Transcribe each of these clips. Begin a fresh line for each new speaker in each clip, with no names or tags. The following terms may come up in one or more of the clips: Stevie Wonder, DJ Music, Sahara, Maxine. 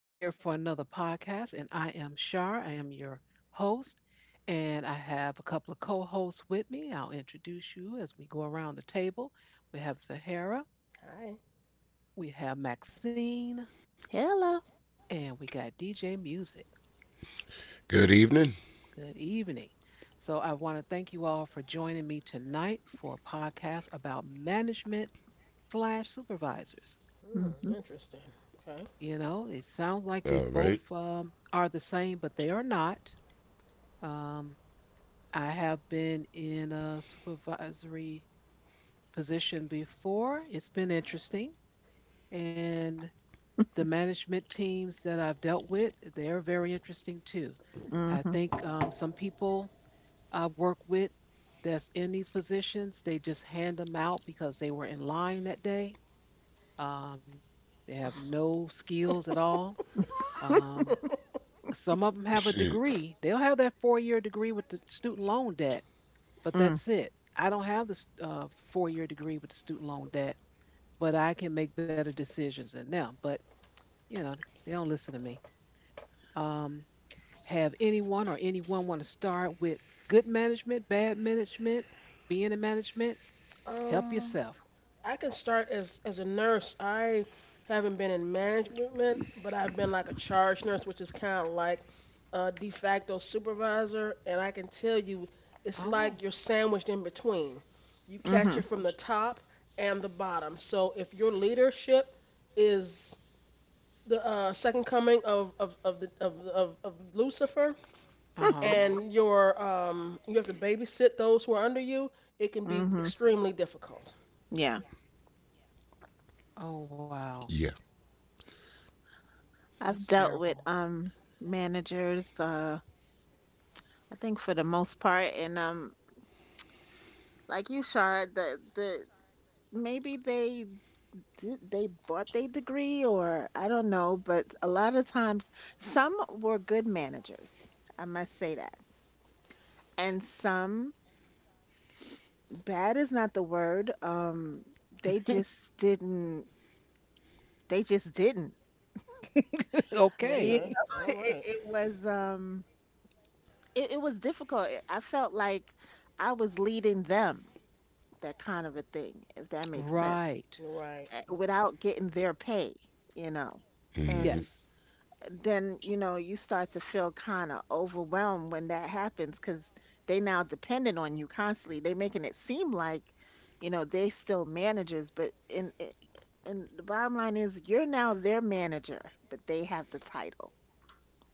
We're here for another podcast, and I am Shar. I am your host, and I have a couple of co hosts with me. I'll introduce you as we go around the table. We have Sahara,
Hi.
we have Maxine,
Hello.
and we got DJ Music.
Good evening.
Good evening. So, I want to thank you all for joining me tonight for a podcast about management slash supervisors.
Hmm,
Mm-hmm.
interesting. Okay.
You know, it sounds like
All
they
right.
both are the same, but they are not. Um, I have been in a supervisory position before. It's been interesting. And the management teams that I've dealt with, they're very interesting too. I
Mm-hmm.
think some people I've worked with that's in these positions, they just hand them out because they were in line that day. Um, they have no skills at all. Um, some of them have a
Shit.
degree. They'll have that 4-year degree with the student loan debt, but
Mm,
that's it. I don't have this 4-year degree with the student loan debt, but I can make better decisions than them. But, you know, they don't listen to me. Um, have anyone or anyone want to start with good management, bad management, being in management? Help
Um,
yourself.
I can start as a nurse. I haven't been in management, but I've been like a charge nurse, which is kind of like a de facto supervisor. And I can tell you, it's
Oh,
like you're sandwiched in between. You catch
mhm,
it from the top and the bottom. So if your leadership is the second coming of the of Lucifer,
uh huh.
and you have to babysit those who are under you, it can be
mhm.
extremely difficult.
Yeah.
Oh, wow.
Yeah.
That's
I've dealt with
terrible.
managers I think for the most part and like you Shard the maybe they did they bought their degree or I don't know, but a lot of times some were good managers. I must say that. And some bad is not the word. They just didn't.
Okay.
You
Okay. All
know,
right.
it was it was difficult. I felt like I was leading them, that kind of a thing, if that makes sense,
Right.
Mm-hmm. Right. Yep.
without getting their pay, you know.
Mm-hmm.
And
Yes.
then, you know, you start to feel kind of overwhelmed when that happens because they now dependent on you constantly. They're making it seem like, you know, they still managers, and the bottom line is you're now their manager, but they have the title.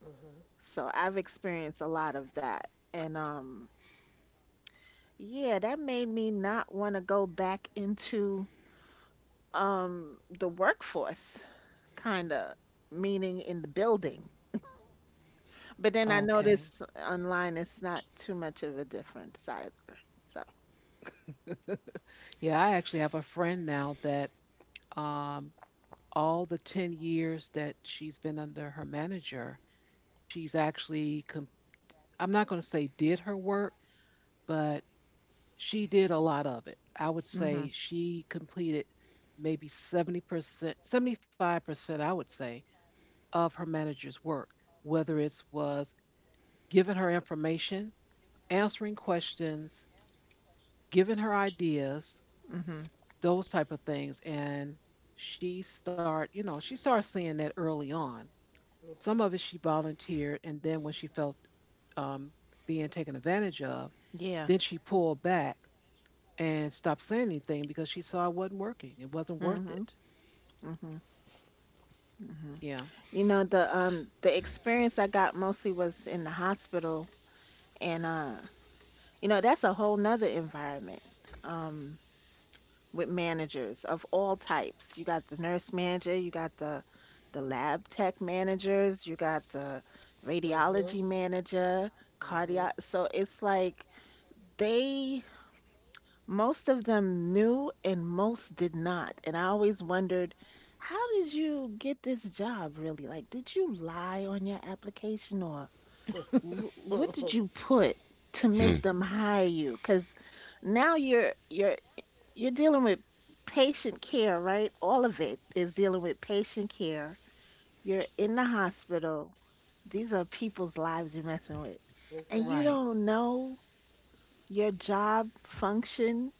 Mhm.
So I've experienced a lot of that. And Yeah, that made me not want to go back into the workforce, kind of meaning in the building. But then I
Okay.
notice online it's not too much of a difference either. So,
Yeah, I actually have a friend now that um, all the 10 years that she's been under her manager, she's actually, com- I'm not going to say did her work, but she did a lot of it. I would
mhm.
say she completed maybe 70%, 75%, I would say, of her manager's work, whether it was giving her information, answering questions, giving her ideas,
Mhm.
those type of things. And she started seeing that early on. Some
Mhm.
of it she volunteered, and then when she felt um, being taken advantage of,
Yeah.
then she pulled back and stopped saying anything because she saw it wasn't working. It wasn't worth
Mhm.
it.
Mhm. Mhm.
Yeah,
You know, the experience I got mostly was in the hospital and you know, that's a whole nother environment. Um with managers of all types. You got the nurse manager, you got the lab tech managers, you got the
Okay.
radiology manager, cardio. So it's like they most of them knew and most did not. And I always wondered, how did you get this job really? Like, did you lie on your application or
Mhm.
what did
Mhm.
you put
Hmm.
to make them hire you? Because now you're dealing with patient care, right? All of it is dealing with patient care. You're in the hospital. These are people's lives you're messing with. And you
right.
Exactly.
don't know your job function.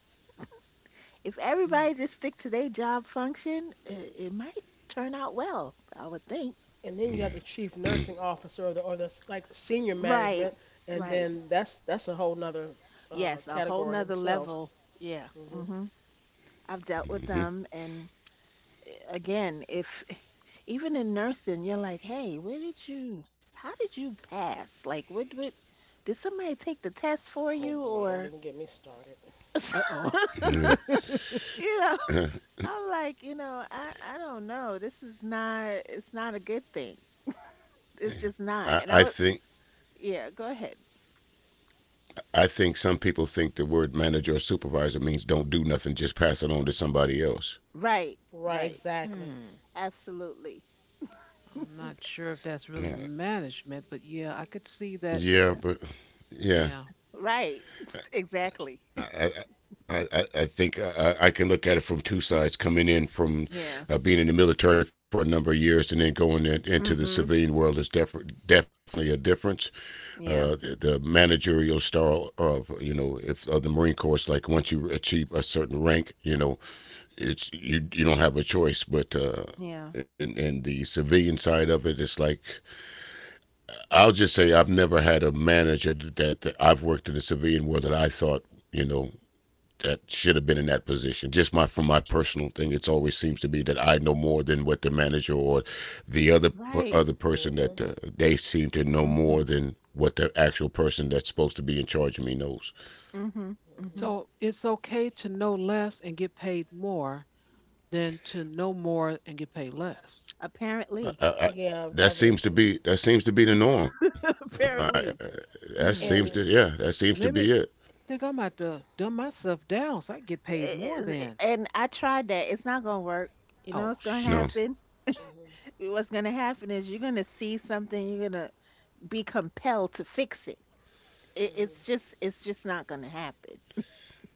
If
Mm.
everybody just stick to their job function, it might turn out well, I would think.
And
Yeah.
then you have the chief nursing officer or the senior
Right.
management, and
Right.
then that's a whole nother
Yes, a whole
category
nother
themselves.
level. Yeah.
Mhm.
I've dealt with them and again, if even in nursing, you're like, hey, where did you, how did you pass? Like, did somebody take the test for
Oh
you
boy, don't
or,
even get me started.
Uh oh.
Yeah.
you know, I'm like, you know, I don't know. This is not, it's not a good thing. It's
Yeah.
just
I,
not.
I
And I would,
think
yeah, go ahead.
I think some people think the word manager or supervisor means don't do nothing, just pass it on to somebody else.
Right,
Right.
right.
Exactly.
Hmm.
Absolutely.
I'm not sure if that's really
Yeah.
management, but yeah, I could see
Yeah,
that.
but yeah.
Yeah.
Right. Exactly.
I, I can look at it from two sides coming in from
Yeah.
being in the military for a number of years and then into the
Mm-hmm.
civilian world is definitely a difference. Uh, the,
Yeah.
the managerial style of you know if of the Marine Corps is like once you achieve a certain rank, you know it's you don't have a choice. But
Yeah.
and the civilian side of it, it's like I'll just say I've never had a manager that, I've worked in the civilian world that I thought, you know, that should have been in that position. Just my from my personal thing, it's always seems to be that I know more than what the manager or the other
Right.
person that
Mhm.
they seem to know more
Mm-hmm.
than what the actual person that's supposed to be in charge of me knows.
Mm-hmm.
Mhm.
Mm-hmm.
So it's okay to know less and get paid more than to know more and get paid less.
I,
Apparently.
I, I,
Yeah,
that seems to
obviously.
be the norm. I,
Mm-hmm.
I,
Apparently.
that seems to
Hmm.
And see.
yeah, that seems to be
Let
it.
me think I might about to dumb myself down so I can get paid more then.
And I tried that. It's not gonna work. You know
Oh
what's gonna
No,
shoot.
happen?
Mm-hmm.
What's gonna happen is you're gonna see something, you're gonna be compelled to fix it.
Mm-hmm.
It's just not gonna happen.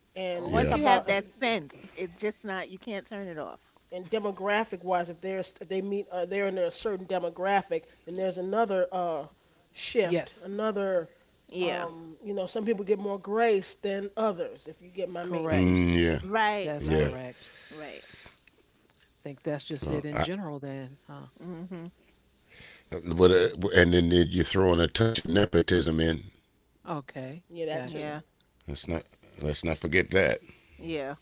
yeah,
and let's
Once
talk
you
Okay.
Well,
have
about us-
that sense, it's just not you can't turn it off.
and demographic wise, if there's if they meet or they're in a certain demographic, then there's another shift,
Yes,
another
Yeah.
some people get more grace than others. If you get my meaning,
correct.
mm, yeah,
Right,
That's
yeah.
right,
correct.
right.
Think that's just it
Uh,
in
I,
general then, huh?
Mhm.
but and
Mhm.
then you're throwing a touch of nepotism in.
O- Okay.
yeah, that too.
Yeah.
Gotcha.
Let's not let's not forget that.
Yeah.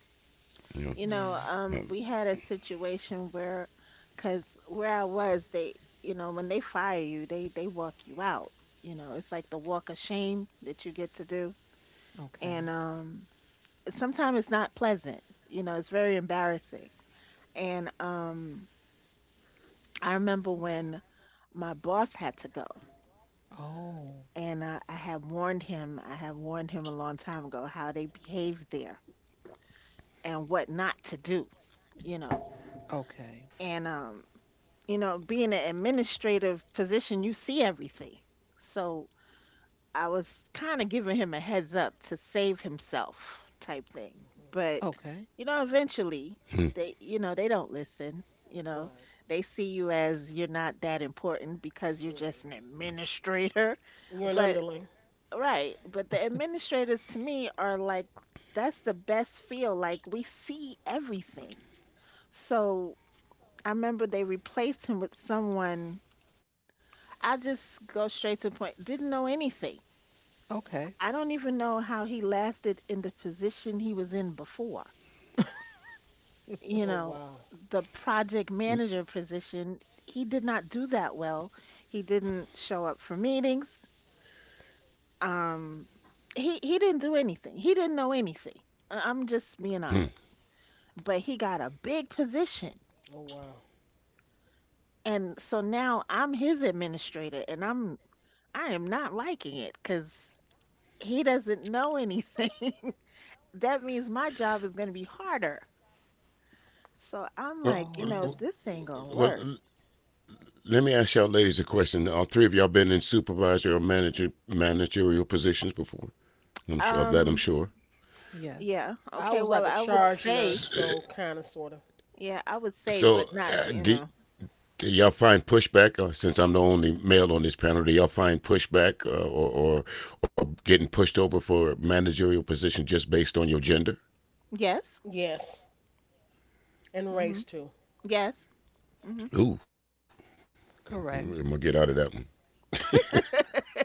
You
You know,
Yeah.
know,
we had a situation where, because where I was, they, you know, when they fire you, they walk you out. You know, it's like the walk of shame that you get to do, and
Okay.
sometimes it's not pleasant. You know, it's very embarrassing. And I remember
Mm.
when my boss had to go,
Oh.
and I had warned him. I had warned him a long time ago how they behave there and what not to do. You know,
Okay.
and you know, being an administrative position, you see everything. So I was kind of giving him a heads up to save himself type thing.
Mm-hmm.
But,
Okay.
you know, eventually
Hmm,
they, you know, they don't listen. You know,
Right.
they see you as you're not that important because you're
Mm-hmm.
just an administrator.
You're an
But,
underling.
right. But the administrators to me are like, that's the best feel. Like we see everything. So I remember they replaced him with someone I just go straight to the point. Didn't know anything.
Okay.
I
That's-
don't even know how he lasted in the position he was in before. You
Oh
know,
wow.
the project manager position, he did not do that well. He didn't show up for meetings. Um, he didn't do anything. He didn't know anything. I'm just being
hmm.
honest. But he got a big position.
Oh wow.
And so now I'm his administrator and I am not liking it because he doesn't know anything. That means my job is going to be harder. So
Well,
I'm like, you
well,
know,
Oh.
this ain't going to
well,
work.
let me ask y'all ladies a question. All three of y'all been in supervisory or managerial positions before. I'm sure of that. I'm sure.
Um,
Yes.
yeah.
I
Okay.
was
Well,
like a
I would
charge nurse,
say,
uh,
so kind of, sort of.
yeah, I would say, but
So,
not,
uh,
you
do,
know,
do y'all find pushback? Since I'm the only male on this panel, do y'all find pushback or getting pushed over for a managerial position just based on your gender?
yes.
Yes, and
Mm-hmm.
race too.
Yes. Mm-hmm.
Ooh, I'm gonna
Correct.
get
Mm-hmm.
out of that one.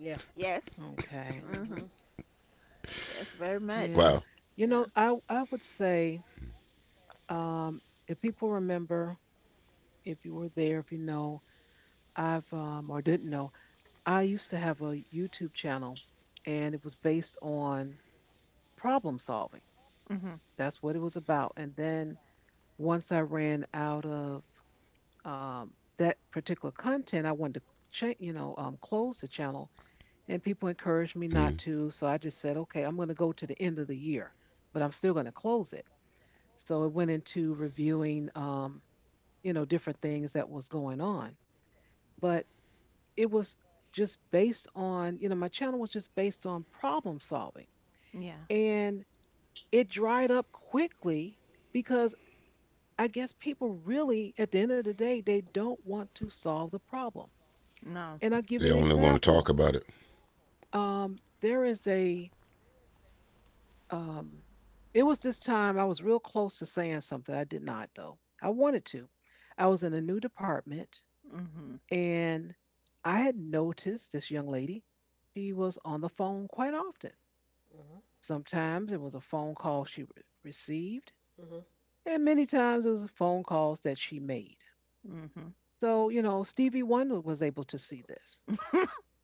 Yeah.
Yes.
Okay.
Mm-hmm.
Mm-hmm.
Yes, very
Wow.
Yeah.
much.
You know,
Yeah.
I would say um if people remember, if you were there, if you know, I've or didn't know, I used to have a YouTube channel and it was based on problem solving.
Mm-hmm.
That's what it was about. And then once I ran out of um, that particular content, I wanted to close the channel and people
Mm.
encouraged me not to. So I just said, okay, I'm going to go to the end of the year, but I'm still going to close it. So it went into reviewing, you know, different things that was going on. But it was just based on, you know, my channel was just based on problem solving.
Yeah.
And it dried up quickly because I guess people really, at the end of the day, they don't want to solve the problem.
No.
And I'll give you
They
an
only want to talk
example.
about it.
Um, there is a, um, it was this time I was real close to saying something. I did not, though. I wanted to. I was in a new department
Mm-hmm.
and I had noticed this young lady. She was on the phone quite often. Sometimes it was a phone call she received,
hmm.
and many times it was phone calls that she made.
Mm-hmm.
So, you know, Stevie Wonder was able to see this.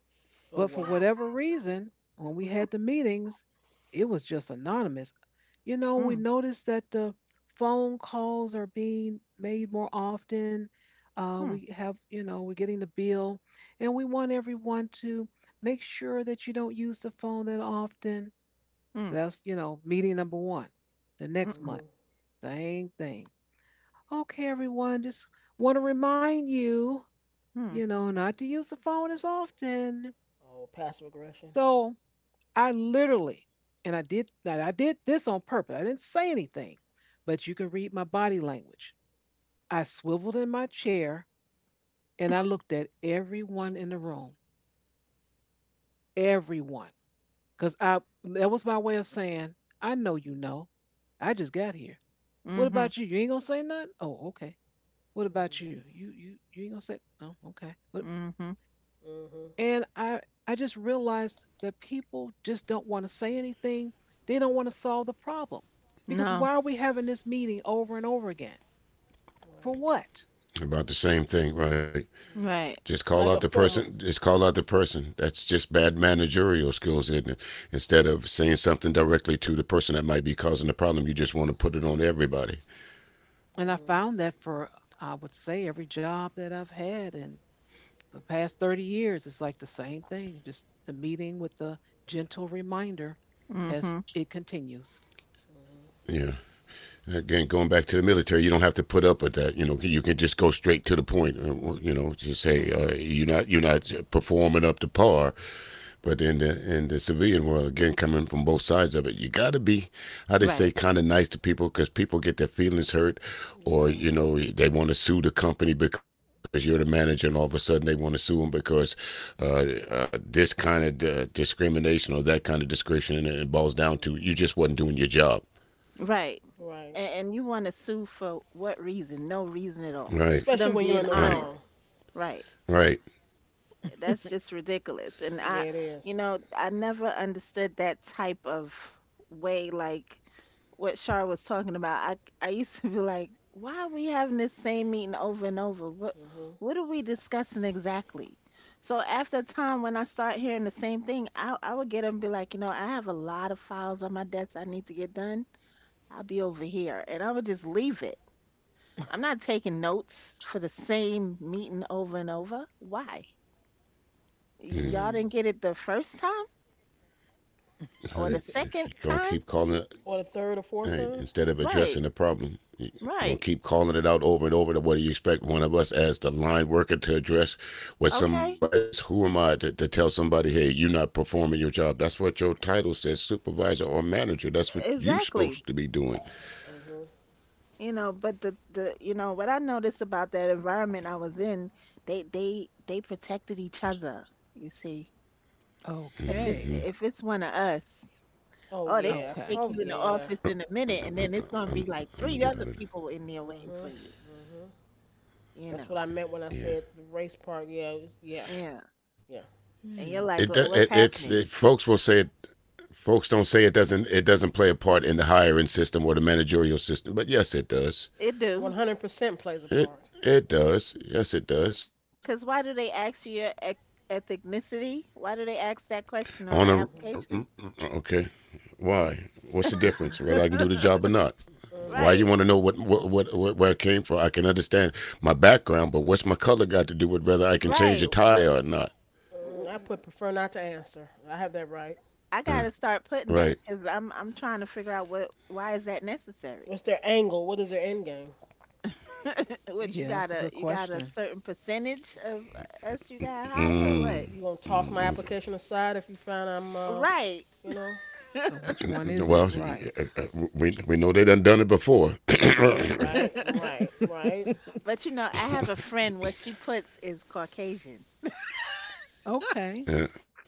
Oh
But for
wow.
whatever reason, when we had the meetings, it was just anonymous. You know, we
Mm,
noticed that the phone calls are being made more often.
hmm,
We have, you know, we're getting the bill, and we want everyone to make sure that you don't use the phone that often.
mm,
That's, you know, meeting number one the next
mm-mm,
month.
hmm.
Same thing. Okay, everyone, just want to remind you, you
mm,
know, not to use the phone as often.
Oh, passive aggression.
So I literally, and I did this on purpose. I didn't say anything, but you can read my body language. I swiveled in my chair and I looked at everyone in the room, everyone, because I that was my way of saying, I know you know, I just got here. What
mhm,
about you? You ain't gonna say nothing? Oh, okay. What about you?
hmm.
You ain't gonna say? Oh, okay.
mhm.
hmm.
And I just realized that people just don't want to say anything. They don't want to solve the problem. Because
No.
why are we having this meeting over and over again? For
Right.
what?
About the same thing, right?
hmm.
Right.
Just call out the
Like a
person.
form of.
Just call out the person. That's just bad managerial skills, isn't it? Instead of saying something directly to the person that might be causing the problem, you just want to put it on everybody.
And I
hmm.
found that for I would say every job that I've had in the past 30 years, it's like the same thing, just the meeting with the gentle reminder as
Mhm.
it continues.
hmm.
Yeah. Again, going back to the military, you don't have to put up with that. You know, you can just go straight to the point. You know, just say
Mm-hmm.
you're not performing up to par. But in the civilian world, again, coming from both sides of it, you got to be, how they say,
Right.
kind of nice to people because people get their feelings hurt, or
Yeah.
you know they want to sue the company because you're the manager, and all of a sudden they want to sue them because uh, this kind of discrimination or that kind of discrimination, and it boils down to you just
hmm.
wasn't doing your job.
Right.
Right.
And you want to sue for what reason? No reason at all.
Right,
For
Especially
them
when you're
being
in the
right,
honest.
wrong.
Right.
right.
That's just ridiculous. And I,
Yeah, it
you
is.
know, I never understood that type of way, like what Shar was talking about. I used to be like, why are we having this same meeting over and over?
Mm-hmm.
What are we discussing exactly? So after a time, when I start hearing the same thing, I would get up and be like, you know, I have a lot of files on my desk I need to get done. I'll be over here, and I would just leave it I'm not taking notes for the same meeting over and over. Why?
Mm,
Y'all
Mm.
didn't get it the first time
right.
or the
If you're
second
gonna keep
time?
calling it.
Or the third or
All
fourth
right.
time.
Instead of addressing
Right,
the problem, are gonna
right.
keep
Mm-hmm.
calling it out over and over. To what do you expect one of us as the line worker to address? What
Okay,
somebody is? Who am I to tell somebody, hey, you're not performing your job? That's what your title says, supervisor or manager. That's what you're
exactly.
supposed to be doing.
Mm-hmm.
You know, but the you know what I noticed about that environment I was in, they protected each other. You see, if
Okay.
Hmm.
it's one of us,
Oh
oh, they
yeah.
gonna
Okay.
take
Oh
you in the
yeah.
office in a minute,
I'm,
and then it's gonna be
I'm,
like three
I'm gonna
other
get out of this.
people in there waiting
Mm-hmm.
for you.
Mm-hmm.
You
That's what
know,
I meant when I said the
Yeah.
race part. Yeah. Yeah.
yeah,
Yeah.
and you're
Mm.
like,
It,
What's happening?
folks will say it. Folks don't say it doesn't play a part in the hiring system or the managerial system, but yes, it
It
does.
One
do.
hundred percent plays a part.
It it does. Yes, it does.
Because why do they ask you your ethnicity? Why do they ask that question
On
on the
Mm-hmm.
a,
application?
okay. Why what's the difference
Mm-hmm.
whether I can do the job or not?
Mm-hmm.
Why
Right,
you want to know what, where I came from? I can understand my background, but what's my color got to do with whether I can
right.
change a
Well,
tire or not?
I put prefer not to answer. I have that right.
I gotta
Huh,
start putting that
right.
because I'm trying to figure out what why is that necessary?
What's their angle? What is their end game?
What you
Yeah,
got
that's a
to
good
you got a
question.
certain percentage of us you got
You
higher or
gonna
what?
you
Mm.
gonna toss my
Mm.
application aside if you find I'm
Right.
you know?
So which one is it?
Well,
Right.
we know they done done it before.
Yeah, right, right, right.
But you know, I have a friend. What she puts is Caucasian.
Okay.
Yeah,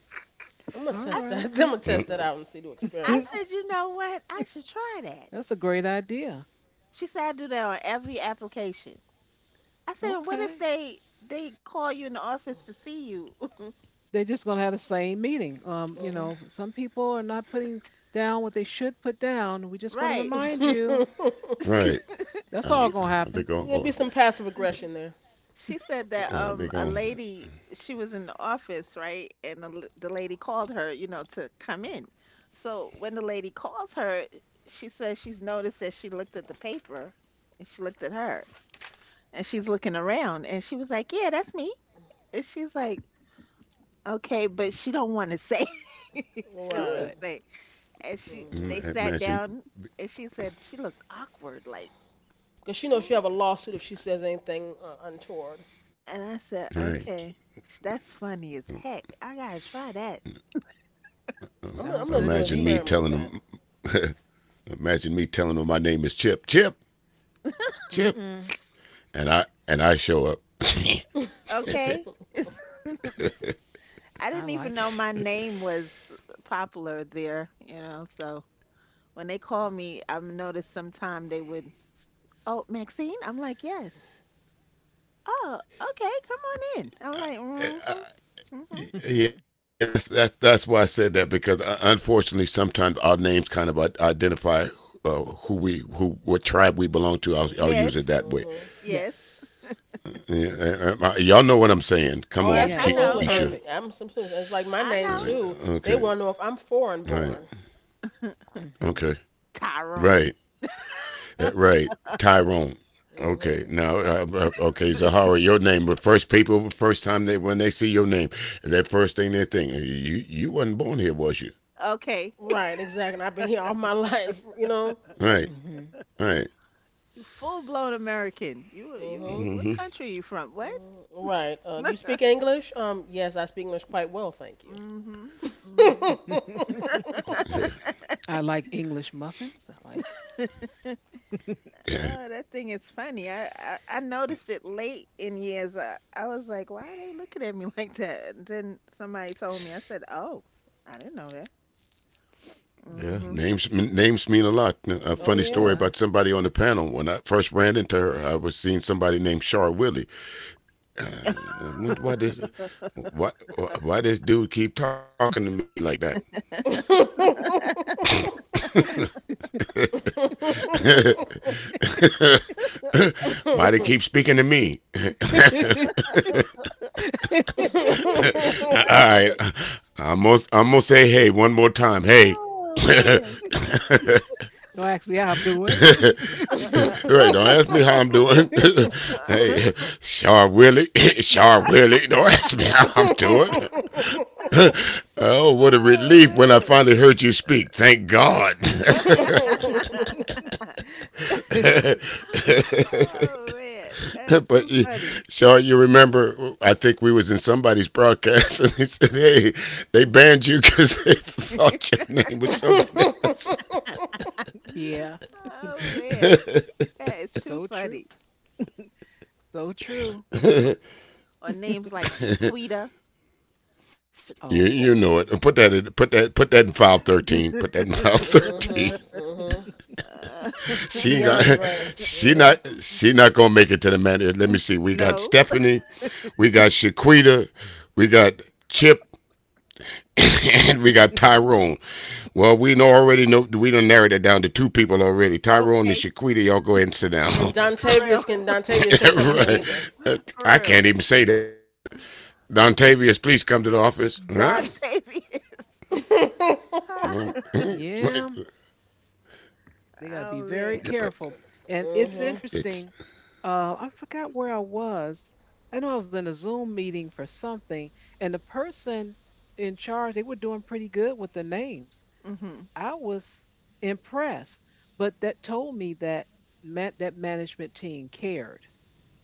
I'm gonna
All
I
test
s-
that.
right.
I'm gonna test
uh,
that out and see the
I
experiment.
said, you know what? I should try that.
That's a great idea.
She said I do that on every application. I said, what if
Okay.
they call you in the office to see you?
They're just going to have the same meeting. You
Mhm.
know, some people are not putting down what they should put down. We just want to
Right.
remind you.
right.
That's all
She
going
Uh,
to happen.
they
There'll be
go
some
or,
passive aggression there.
she said that a
they go,
lady she was in the office, right? And the, the lady called her, you know, to come in. So when the lady calls her, she says she's noticed that she looked at the paper and she looked at her and she's looking around and she was like, "Yeah, that's me." And she's like, "Okay, but she don't want to say." She don't want
Right.
Good.
to say. And she they
Mhm.
sat
imagine.
down and she said she looked awkward like
Cause she knows she
Oh,
have a lawsuit if she says anything untoward.
and I said, "Okay,
Right.
that's funny as heck. I got to try that."
I'm gonna
sounds
I'm gonna
good
do
to
an
me.
Imagine
experiment
me
with that.
telling them. Imagine me telling them my name is Chip, Chip,
Mm-mm.
Chip, and I show up.
Okay? I
I
didn't even
like
know my name was popular there, you know, so when they call me, I've noticed sometime they would, "Oh, Maxine?" I'm like, "Yes." "Oh, okay, come on in." I'm like, Mhm.
it.
Yeah, that's why I said that because unfortunately sometimes our names kind of identify who we who what tribe we belong to. I'll
Yes,
use it that way.
Mhm.
yes,
Yes.
Yeah, y'all know what I'm saying. Come
Oh,
yes,
on,
I
Yes, that's
know.
Keisha.
absolutely. And
perfect.
I'm simple. It's like my
I
Uh,
name
know.
too.
okay,
They want to know if I'm
all right,
foreign born.
okay,
Mhm.
right.
Tyrone.
Right, Tyrone. Okay,
hmm.
now, okay, Zahara, your name. But first, people, first time they when they see your name, that first thing they think, you wasn't born here, was you?
Okay,
Right, exactly. And I've been here all my life, you know.
All right,
Mhm.
all right.
full blown American.
hmm.
What
Mm-hmm.
country you from? What?
Right. Do you speak English? Yes, I speak English quite well, thank you.
Mm-hmm. Mm-hmm.
Yeah,
I like English muffins. I like it
yeah.
Oh, that thing is funny. I I noticed it late in years. I was like, why are they looking at me like that? And then somebody told me. I said, oh, I didn't know that.
Yeah.
Mm-hmm.
Names mean a lot. A
Oh
funny story about
does.
somebody on the panel. When I first ran into her, I was seeing somebody named Char Willie. Uh, why this why why this dude keep talking to me like that? Why
yeah.
they keep speaking to me? All
Don't
right, I'm gonna, say hey one more time. Hey.
Oh
Right,
man.
ask me how I'm doing.
don't ask me how I'm doing. Hey, Char Willie, Char Willie, don't ask me how I'm doing.
Mhm,
Oh, what a
Oh
relief when I
man.
finally heard you speak. Thank God.
Oh man. That's too
but you,
funny.
so you remember, I think we was in somebody's broadcast, and they said, "Hey, they banned you because they thought your name was something else."
Yeah,
Oh man. That is too
so true.
funny.
So true.
you
Or names like Shaquita.
Oh
Shaquita.
you
boy.
know it. Put that in, put that in file 13. Put that in file 13.
mhm.
Uh,
She ain't got
DeAndre, mhm,
she not gonna make it to the man. Let me see. We got
no.
Stephanie, we got Shaquita, we got Chip, and we got Tyrone. Well, we know already know we done narrowed that down to two people already. Tyrone and
Okay.
Shaquita, y'all go ahead and sit
and
down.
For real.
Dontavious can't come in here either.
For
I
real.
can't even say that. Dontavius,
Y-
please come to the office. Huh?
Don Tavius.
Yeah,
Yeah, they got to be
Oh
very
man.
but
careful. And it's
You know.
Mhm,
it's
interesting. I forgot where I was. I know I was in a Zoom meeting for something, and the person in charge, they were doing pretty good with the names.
Mhm.
I was impressed, but that told me that that management team cared.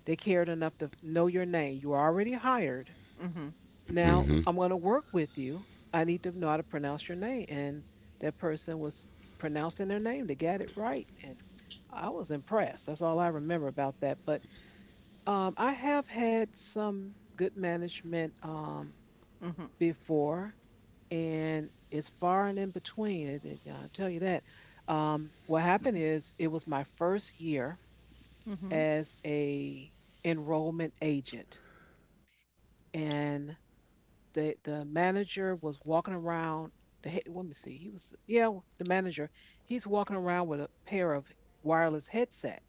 They cared enough to know your name. You were already hired,
Mhm.
now
mm-hmm,
I'm going to work with you. I need to know how to pronounce your name. And that person was pronouncing their name. They got it right. And I was impressed. That's all I remember about that. But I have had some good management
Mhm.
before, and it's far and in between. I'll tell you that. What happened is it was my first year
Mhm.
as a enrollment agent. And the manager was walking around. Let me see. The manager. He's walking around with a pair of wireless headset,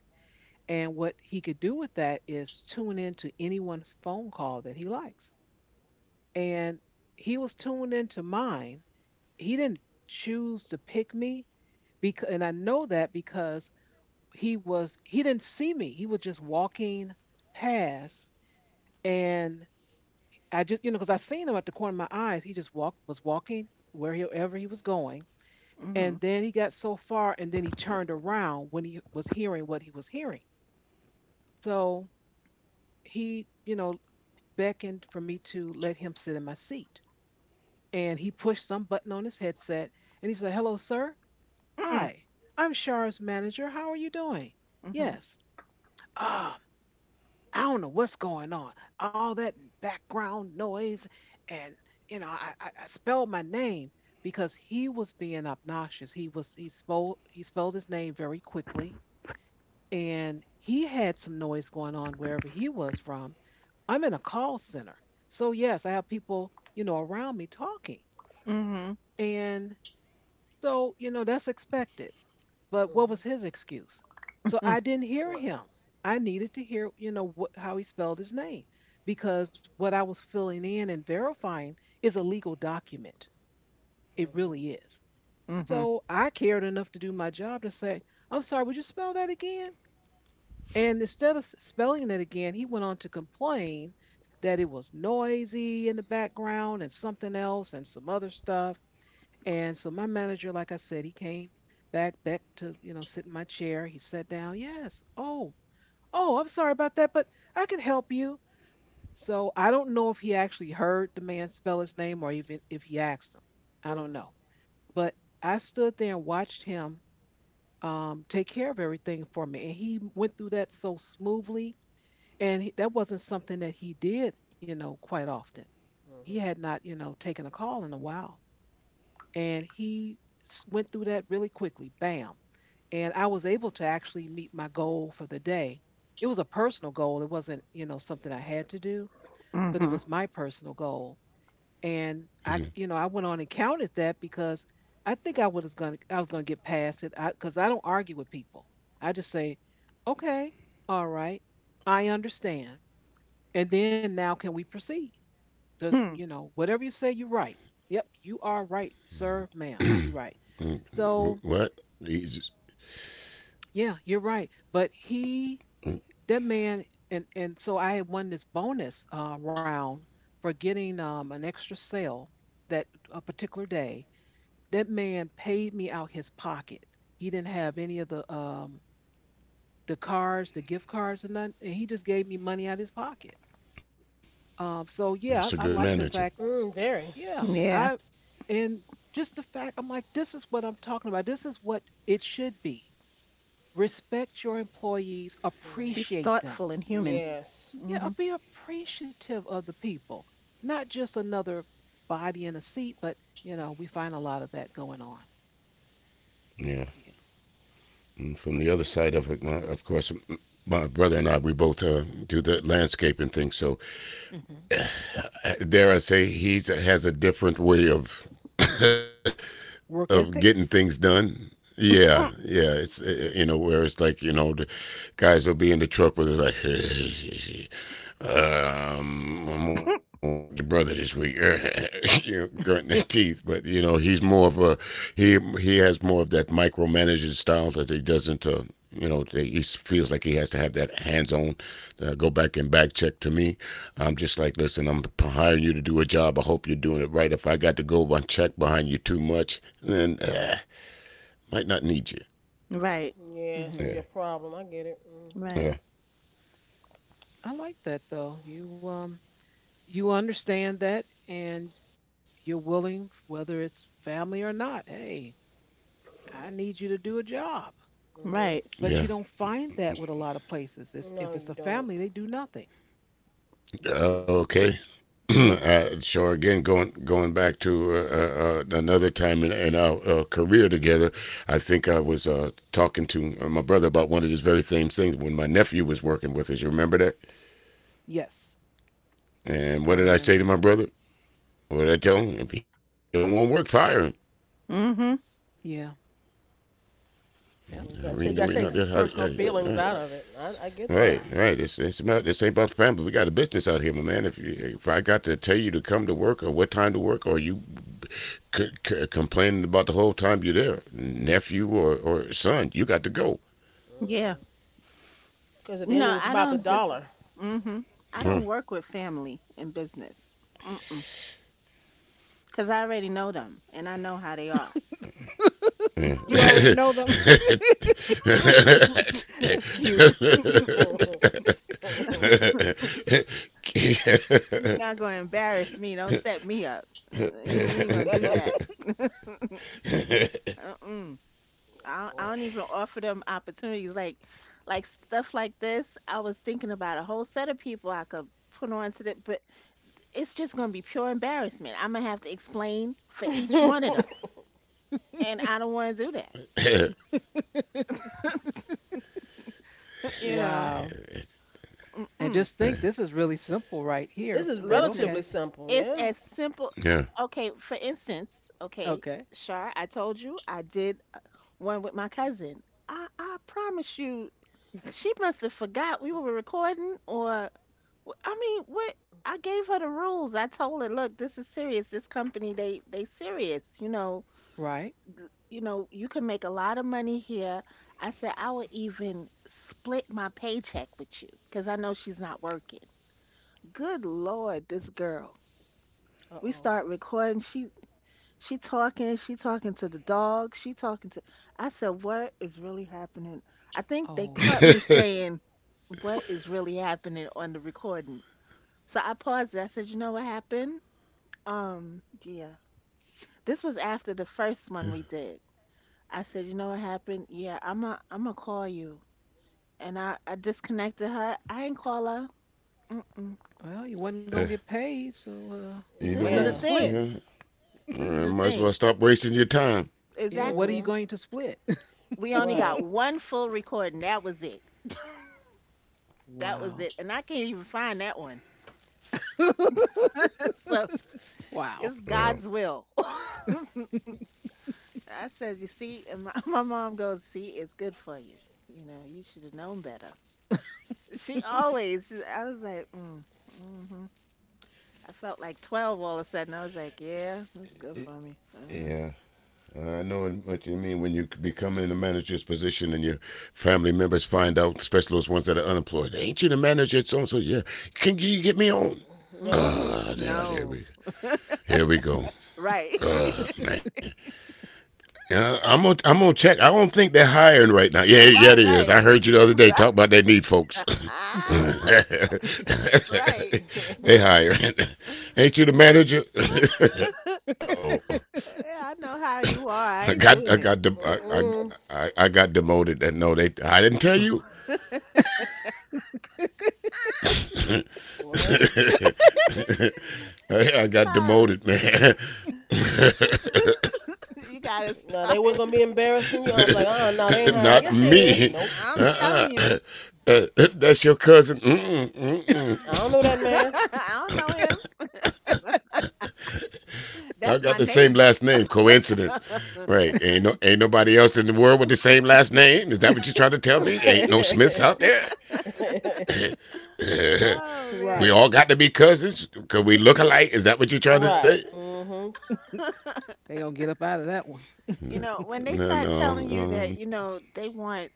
and what he could do with that is tune in to anyone's phone call that he likes. And he was tuned into mine. He didn't choose to pick me because, and I know that because he didn't see me. He was just walking past, and I just, you know, because I seen him at the corner of my eyes. He was walking wherever he was going. And
Mhm.
then he got so far and then he turned around when he was hearing what he was hearing. So he, you know, beckoned for me to let him sit in my seat. And he pushed some button on his headset and he said, Hello, sir.
Mm-mm.
Hi, I'm Shar's manager. How are you doing?
Mhm.
Yes. Ah, I don't know what's going on. All that background noise, and you know, I spelled my name because he was being obnoxious. He was he spoke he spelled his name very quickly, and he had some noise going on wherever he was from. I'm in a call center, so yes, I have people you know around me talking,
Mhm. Mhm.
and so you know that's expected. But what
mhm,
was his excuse? So I didn't hear him.
right,
I needed to hear, you know, what, how he spelled his name because what I was filling in and verifying is a legal document. It
mhm,
really is.
Mhm. Mhm.
So I cared enough to do my job to say, I'm sorry, would you spell that again? And instead of spelling it again, he went on to complain that it was noisy in the background and something else and some other stuff. And so my manager, like I said, he came back to, you know, sit in my chair. He sat down. Yes. Oh, oh, I'm sorry about that, but I can help you. So I don't know if he actually heard the man spell his name or even if he asked him. I don't
mhm,
know. But I stood there and watched him take care of everything for me. And he went through that so smoothly. And he, that wasn't something that he did, you know, quite often. He
mhm.
had not, you know, taken a call in a while. And he went through that really quickly, bam, and I was able to actually meet my goal for the day. It was a personal goal, it wasn't something I had to do, but it
Mhm.
was my personal goal. And I you know I went on and counted that because I think I was going to I was going to get past it, because 'cause I don't argue with people. I just say okay, all right, I understand, and then now can we proceed? does you
Hmm.
know whatever you say, you're right. Yep, you are right, sir, ma'am, you're right.
mm-hmm. What?
So
He's
yeah, you're right.
mm,
That man, and so I had won this bonus round for getting an extra sale that a particular day. That man paid me out his pocket. He didn't have any of the cards, the gift cards, and none. And he just gave me money out of his pocket. So
that's a
yeah,
good
I like the
manager.
fact.
Very.
Yeah, I,
Yeah.
and just the fact, I'm like, this is what I'm talking about. This is what it should be.
He's
Respect your
thoughtful and
employees,
human.
Mhm.
appreciate them.
Mhm.
Yes,
Yeah, be appreciative of the people, not just another body in a seat, but you know, we find a lot of that going on.
Yeah.
Yeah.
From the other side of it, of course, my brother and I, we both do the landscaping thing. So
Mhm.
dare I say, he has a different way of
Work
getting things
ethics.
done. Yeah,
Mm.
yeah. It's you know where it's like, you know, the guys will be in the truck where they're like, I'm gonna work with your brother this week, you know, grunting their teeth. But you know he's more of a. He has more of that micromanaging style that he doesn't. You know he feels like he has to have that hands on, go back and back check to me. I'm just like, listen, I'm hiring you to do a job. I hope you're doing it right. If I got to go and check behind you too much, then might not need you.
Right.
yeah, it's gonna be a
Mhm.
Yeah.
problem. I get it. Mhm,
Right.
Yeah.
I like that though. You you understand that, and you're willing, whether it's family or not, hey, I need you to do a job.
mhm.
Right.
But you
Yeah.
don't find that with a lot of places. If
No,
it's
you
a
don't.
family, they do nothing.
Mhm.
Okay.
Yeah.
So again, going back to another time in our career together, I think I was talking to my brother about one of these very same things when my nephew was working with us. You remember that?
Yes, I
And what did I say
remember.
to my brother? What did I tell him? If he don't want to work, fire him.
Mhm.
Yeah. Yep,
We
You
know we
gotta
that's
take, you
not.
what you
gotta take
said.
personal
Uh,
feelings out of it. I
Right,
get that. Right.
right. It's about, this ain't about family. We got a business out here, my man. If I got to tell you to come to work or what time to work, or you complaining about the whole time you're there, nephew or son, you got to go.
Yeah.
Mhm. Cause at
You
the end
know,
of it, it's
I
about the
don't
dollar.
Mhm. I
Huh.
don't work with family in business. Mm-mm. Cause I already know them and I know how they are.
Yeah.
Yeah.
You already
Right.
know them. That's cute.
You're not gonna embarrass me. Don't set me up. We ain't gonna do that. Mm-mm. I don't even offer them opportunities like stuff like this. I was thinking about a whole set of people I could put on to that, but it's just gonna be pure embarrassment. I'm gonna have to explain for each one of them, and I don't want to do that. You know.
Wow. And
Mm-mm.
just think, this is really simple right
This
here,
is
but
Listen.
okay.
relatively simple,
It's
yeah.
as simple.
Yeah.
Okay, for instance, okay,
Okay.
Shar, I told you I did one with my cousin. I promise you, she must have forgot we were recording, or I mean, what? I gave her the rules. I told her, look, this is serious. This company, they serious. You know,
Right.
you can make a lot of money here. I said I would even split my paycheck with you because I know she's not working. Good Lord, this girl,
Uh
we
oh.
start recording. She talking to the dog, she talking to. I said, what is really happening? I think they caught
Oh.
me saying, what is really happening on the recording? So I paused it. I said, you know what happened? Yeah. This was after the first one we did. I said, you know what happened? Yeah, I'm gonna call you. And I disconnected her. I didn't call her. Mm-mm.
Well, you wasn't gonna get paid, so uh, wasn't
This
Either
nothing
is
to
the
way,
Yeah.
split.
thing.
yeah.
This is
Might
the
as well
thing.
stop wasting your time.
Yeah.
Yeah, what are you
Exactly.
Mhm.
going to split?
We only got
Right.
one full recording. That was it. That was it,
Wow.
and I can't even find that one. So it's
Wow.
Well,
God's will. I says, you see, and my, my mom goes, see, it's good for you. You know, you should have known better. She always, I was like, mm, hmm, I felt like 12 all of a sudden. I was like, yeah, that's good for me.
yeah,
Uh-huh.
I know what you mean when you become in a manager's position and your family members find out, especially those ones that are unemployed. Ain't you the manager at so and so? Yeah, can you get me on?
No.
Hmm.
Uh, there, here
No.
we, here we go.
Right.
Man, I'm gonna check. I don't think they're hiring right now. Yeah, yeah, it
Right,
is.
right,
I heard you the other day
right.
talk about they need folks.
Ah,
They
right.
hiring. Ain't you the manager? Uh
Yeah,
oh.
I know how you are.
I
I ain't
got I
doing it.
got de- I,
Mm-mm.
I I got demoted. And no, they I didn't tell you.
Right.
I, I got demoted, man.
You gotta
No, they
start.
weren't gonna be embarrassing you. I'm like, no, they ain't
Not
hiring. Yes, they
me.
is. Nope.
I'm telling
Uh-uh.
you.
Uh, that's your cousin. Mm-mm,
I
mm-mm.
don't know that man.
I don't know him.
Y'all
That's
got
my
the same
neighbor.
last name. Coincidence, right? Ain't nobody else in the world with the same last name. Is that what you're trying to tell me? Ain't no Smiths out there.
Oh
We
man.
Right.
all got to be cousins because we look alike. Is that what you're trying to say?
Right. Mhm.
They gonna get up out of that one.
No,
You know, when they
no, no.
start telling you that, you know, they want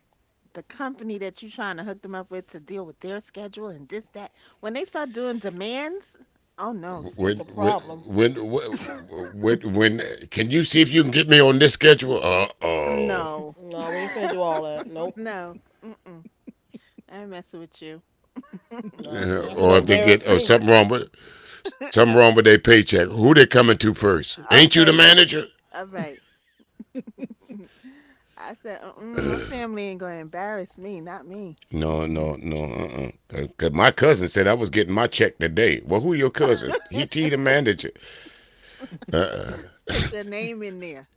the company that you're trying to hook them up with to deal with their schedule and this, that. When they start doing demands, oh no,
That's a
see.
When, when,
problem.
when, when? Can you see if you can get me on this schedule? Uh oh.
No.
No, we ain't finna do all that. Nope.
No. Mm-mm. I ain't messing with you.
No, because you ain't Nope, finna
Or if they
embarrass
get
me.
or something wrong with their paycheck, who they coming to first? Ain't you the
Okay.
manager?
All right. I said, mm-mm, my family ain't gonna embarrass me, not me.
No, no,
Mm-mm.
no. Uh, Cause my cousin said I was getting my check today. Well, who your cousin? He T the manager. Uh, uh
Put your name in there.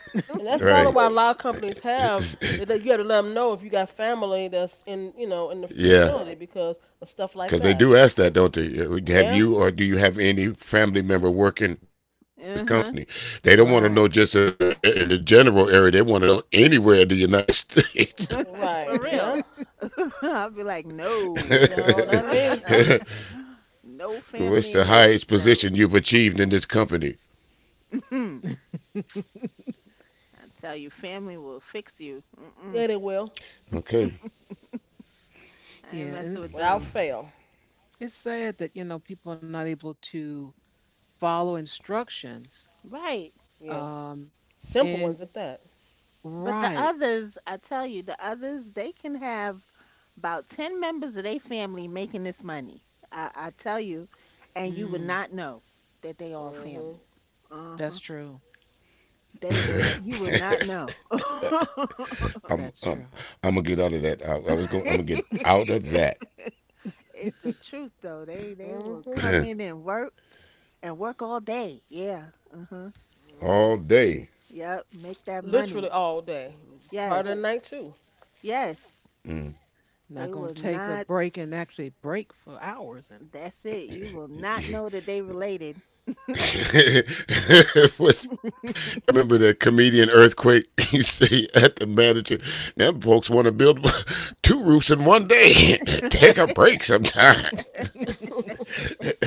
And
right.
that's probably why a Right. lot of companies have that you got to let them know if you got family that's in in the
yeah.
facility Right. because of stuff like
Because they
that.
do ask that, don't they?
Yeah.
Have you or do you have any family member working with this
Uh-huh.
company? They don't want to know
Right.
just in the general area. They want to know anywhere in the United States.
For
Right.
Yeah,
real.
Yeah.
I'll be like, no,
No, not me.
no
What's
family
the
in this.
highest
No.
position you've achieved in this company?
Mm-mm. I tell you, family will fix you. Mm-mm.
Yeah, they will
Okay.
I ain't messing
and
with
without
them.
fail.
it's sad that you know people are not able to follow instructions.
Right.
Yeah.
Um,
Simple ones
and
at that.
But the
right,
others, I tell you, the others, they can have about 10 members of their family making this money. I tell you, and you would
mm,
not know that they all
Mhm.
family. Uh-huh.
that's true.
They
Yeah.
will,
Yeah.
you will not know.
I'm
That's
I'm
true.
I'm gonna get out of that. I was going. I'm gonna get out of that.
It's the truth though. They will
Mhm.
come in and work all day. Yeah. Uh-huh.
All
Mhm.
day.
Yep. Make that
Literally
money.
all day. Part
Yes.
of the night too.
Yes.
Not
They
gonna
will
take a
not.
break and actually break for hours and
That's it. You will not know that they related.
was Y'all remember the comedian Earthquake? He say at the manager, them folks want to build two roofs in one day. Take a break sometime.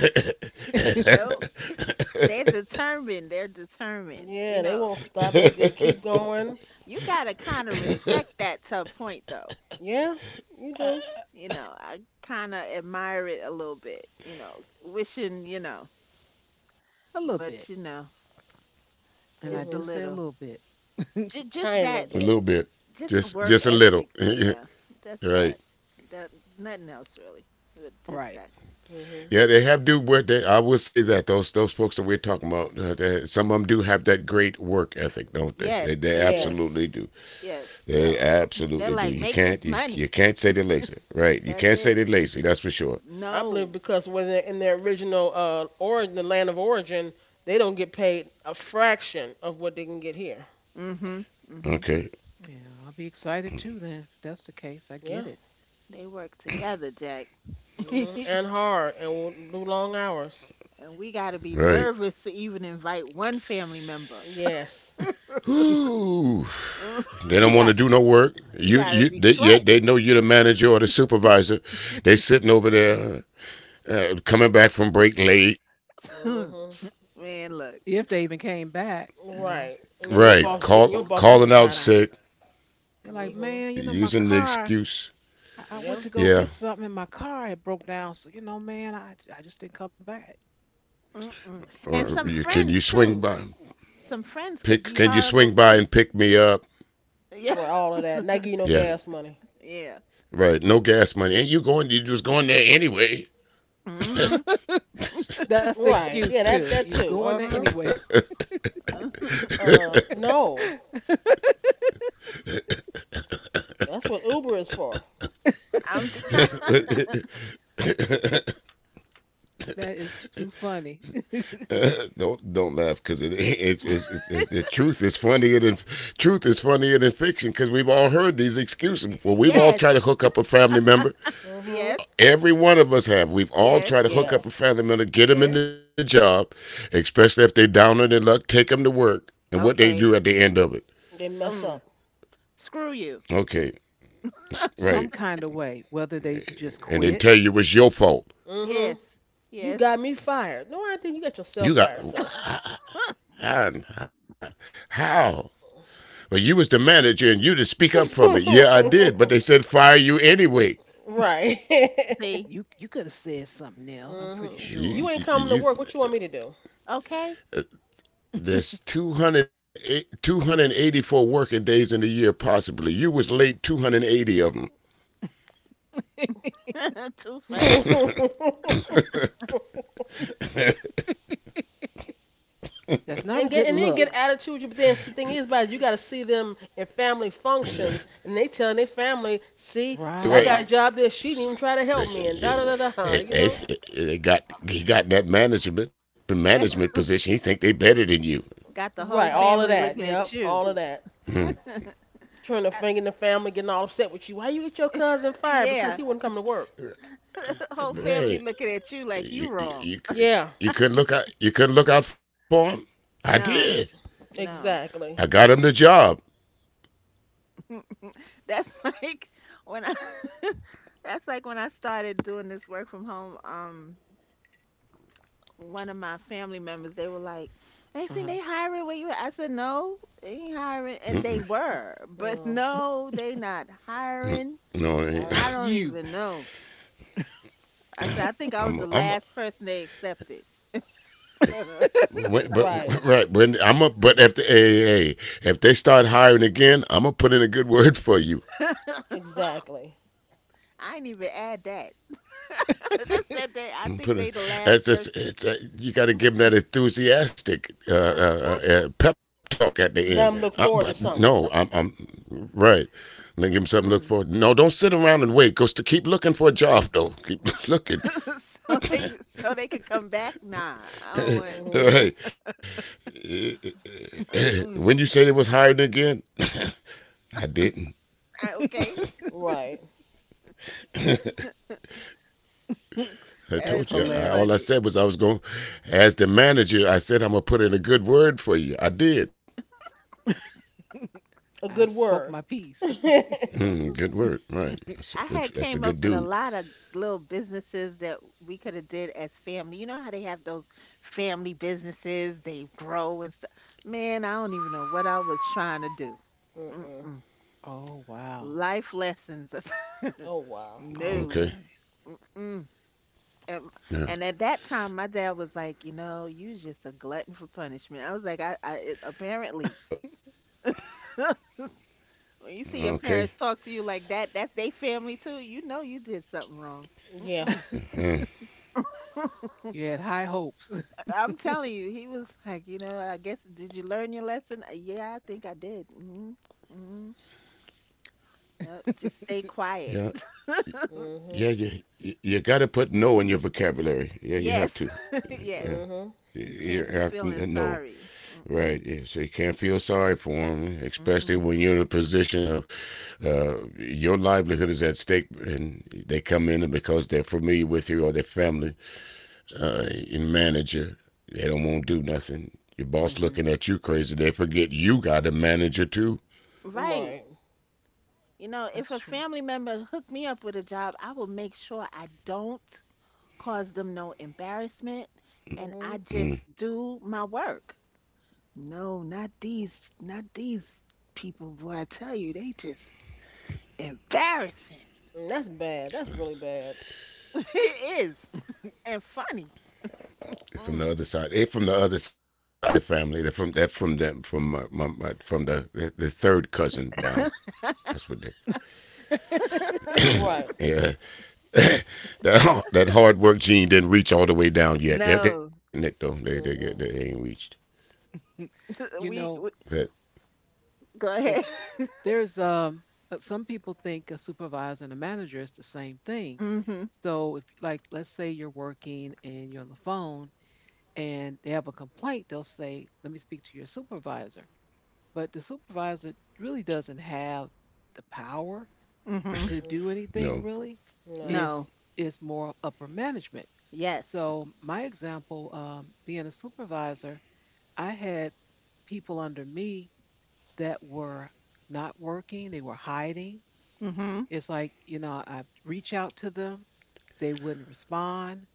Nope.
A
They're determined. They're determined. You
Yeah, they
know,
won't stop. They'll just keep going.
you gotta kind of respect that to a point though.
Yeah, you do.
You know, I kind of admire it a little bit. You know, wishing, you know,
a little bit.
but you know,
And I
just a
do
hmm.
say a
little.
little bit.
Just
Tiny little
that.
little
bit.
bit,
Just the
just
work
just a
ethic.
little.
Yeah, that's that.
Right?
That nothing else really, but just
Right.
that.
hmm.
Yeah, they have do what they. I will say that those folks that we're talking about, some of them do have that great work ethic, don't they?
Yes,
They,
Yeah.
they
they
do.
Yes.
absolutely do.
Yes, they,
They
they're
absolutely
like
do. You
make this
can't you,
money.
you can't say they're lazy,
Mm, that's
right? You
it.
can't say they're lazy. That's for sure.
I believe
No.
because when they're in their original origin, the land of origin, they don't get paid a fraction of what they can get here.
Mhm. Mhm.
Okay,
Yeah, I'll be excited too then if that's the case. I
Yeah.
get it.
They work together, Jack.
Mm,
And
and hard and will do long hours.
we got to be
right.
nervous to even invite one family member.
Yes.
Whew. They don't
You
Get
want
got,
to do
this.
no work.
you
You
got to
you
be
yeah, they know you're the manager or the supervisor. They sitting over there, coming back from break late,
sweating.
hmm.
Man, look.
If they even came back, you know,
Right. And then their Right.
right?
boss getting
Call
your boss give you a
calling out
side eye.
sick,
they're like,
You,
hmm.
man, you know, my
using the
car,
excuse,
I
Yeah.
went to go
yeah.
get something and my car had broke down. So, you know, man, I just didn't come back.
mm-mm. And
Or
some
you can you
friends
swing
too.
by
Some friends
pick?
could
Can
be
you swing by
horrible
and pick
too.
me up?
Yeah.
Right. All of that. Not give you
Yeah.
no gas money.
Yeah.
Right, no gas money. Ain't you going? You was going there anyway.
Mhm.
That's the
Right.
excuse
Yeah.
too.
That
You
too.
going
Uh
there
huh.
anyway.
Mhm.
No. That's what Uber is for.
I'm t-
That is too funny.
Don't laugh because the truth is funnier than fiction because we've all heard these excuses before. We've all
yes,
tried to hook up a family member.
Mm-hmm.
yes.
Every one of us have. We've
Yes.
all tried to hook
Yes.
up a family member,
Yes.
get them in the job, especially if they're down on their luck. Take them to work, and what they
Okay.
do at the end of it.
They mess
Um.
up.
Screw you.
Okay,
Some
right,
kind of way, whether they just
and then
quit.
tell you it was your fault.
hmm.
Yes.
You
Yes.
got me fired. No, I didn't. You got yourself fired,
You
sir.
got How? Well, you was the manager and you to speak up for me. Yeah, I did, but they said fire you anyway.
Right.
See.
You could have said something else. I'm pretty
hmm. You
sure.
ain't coming
You,
to
you,
work. What you
you
want me to do?
Okay.
uh, there's 208, 284 working days in the year, possibly. You was late 280 of them.
Too funny.
That's not a
and get
good
and then get
look.
attitude. But then the thing is, about you got to see them in family functions, and they telling their family, "See, I
Right.
got a
Right.
job there. She didn't even try to help me," and da da
He
da da. You know.
he got in that management position. He think they better than you.
Got the whole
Right. All of
family
that.
looking at
Yep.
you.
All of that.
I-
Turn to finger in the family, getting all upset with you. Why you get your cousin fired because
yeah.
he wouldn't come to work?
Whole family
Right.
looking at you like
You,
you
you,
wrong.
you,
Yeah,
you couldn't look out. You couldn't look out for him. I
No.
did.
No.
exactly.
I
Mm.
got him the job.
That's like when I. That's like when I started doing this work from home. Um, one of my family members, they were like, next thing
Uh-huh.
they hiring where you at?" I said, no, they ain't hiring. And they were, but
No,
no, they not hiring.
No, it
sorry.
I don't
ain't.
You.
even know. I said, I think I was the
I am
last person they accepted. I
When, but
Right,
right when I'm a but if the hey, if they start hiring again, I'm gonna put in a good word for you.
exactly.
ain't even add that. I just said they, I
Mm,
think
Put in,
they the last person.
you got to give them that enthusiastic pep talk at the
Let
end.
them look forward to
But
something.
no, I'm right. Then give them something to look
Mm-mm.
for. No, don't sit around and wait. Go to keep looking for a job though. Keep looking.
so they, so they could come back? Nah, I don't want,
hmm.
Hey, right.
uh-mm.
When you said it was hiring again, I didn't.
Okay.
Right.
I
That's
told
That's
you.
too
All I
hilarious.
funny.
said was I was going. To, as the manager, I said I'm gonna put in a good word for you. I did.
A
I
good
spoke
word.
my piece.
Mm-mm.
Hmm, good word. Right. That's a
I
good.
had
That's a
came
good
up with a
dude.
lot of little businesses that we could have did as family. You know how they have those family businesses, they grow and stuff. Man, I don't even know what I was trying to do. Mm-mm.
Oh wow.
Life lessons.
Oh wow.
No.
Okay.
Okay.
Mm-mm. And,
Yeah.
and at that time, my dad was like, you know, you just a glutton for punishment. I was like,
Uh,
apparently, when you see
okay.
your parents talk to you like that, that's their family too. You know, you did something wrong.
Yeah.
Hmm.
You had high hopes.
I'm telling you, he was like, you know, I guess, did you learn your lesson? Yeah, I think I did. Mm-hmm. Mm-hmm. Yep. Just stay
Yeah.
quiet.
Yeah.
Mhm.
You got to put no in your vocabulary. Yeah. You have
Yes.
to. Yeah.
Yes.
Mhm.
Can't
You,
be
have
feeling
to no.
sorry. Mm-mm.
Right. Yeah. So you can't feel sorry for him, especially when
Mm-mm.
you're in a position of your livelihood is at stake, and they come in and because they're familiar with you or their family and manager. They don't want to do nothing. Your boss
Hmm.
looking at you crazy. They forget you got a manager too.
Right.
Right.
You know,
That's
if a
true.
family member hooked me up with a job, I will make sure I don't cause them no embarrassment and I
Mhm.
Mm.
just do my work. No, not these people, boy. I tell you, they just embarrassing.
That's bad. That's really bad.
It is, and funny.
They're from the
Mm.
other side. They from the other side of the family. They're from that from them from my, my, my from the third cousin down. That's what they.
Right.
Yeah, that hard work gene didn't reach all the way down yet. They're
No,
getting it though. They get they
Mm-mm.
ain't reached.
You know,
we.
But
Go ahead.
there's some people think a supervisor and a manager is the same thing,
Mm-hmm.
so if, like, let's say you're working and you're on the phone and they have a complaint, they'll say let me speak to your supervisor, but the supervisor really doesn't have the power
Mm-hmm.
to do
Mhm.
no,
anything really.
No.
No.
It's it's more upper management.
Yes.
So my example, being a supervisor, I had people under me that were not working, they were hiding.
Mm-hmm.
It's like, you know, I reach out to them, they wouldn't respond.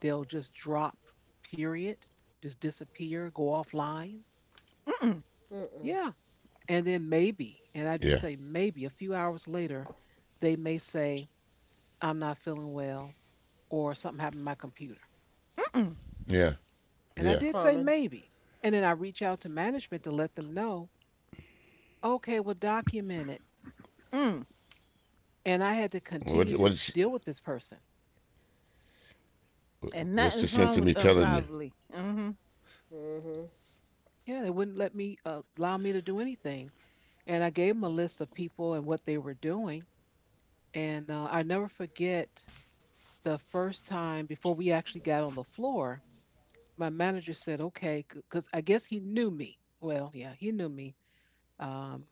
They'll just drop, period, just disappear, go offline.
Mm-mm.
Mm-mm.
Yeah. And then maybe,
yeah,
and I do say maybe a few hours later, they may say, I'm not feeling well, or something happened to my computer.
Mm-mm.
yeah,
And I
That's
yeah.
did say
common.
maybe. And then I reach out to management to let them know, okay, well, document it.
Mm.
And I had to
What
continue to
what's
deal with this person.
And
what's the
nothing's
sense
wrong
of me
with them,
telling you?
probably. Mm-hmm.
Mhm.
Yeah, they wouldn't let me allow me to do anything. And I gave him a list of people and what they were doing. And I never forget the first time before we actually got on the floor, my manager said, okay, because I guess he knew me. Well, yeah, he knew me. Um,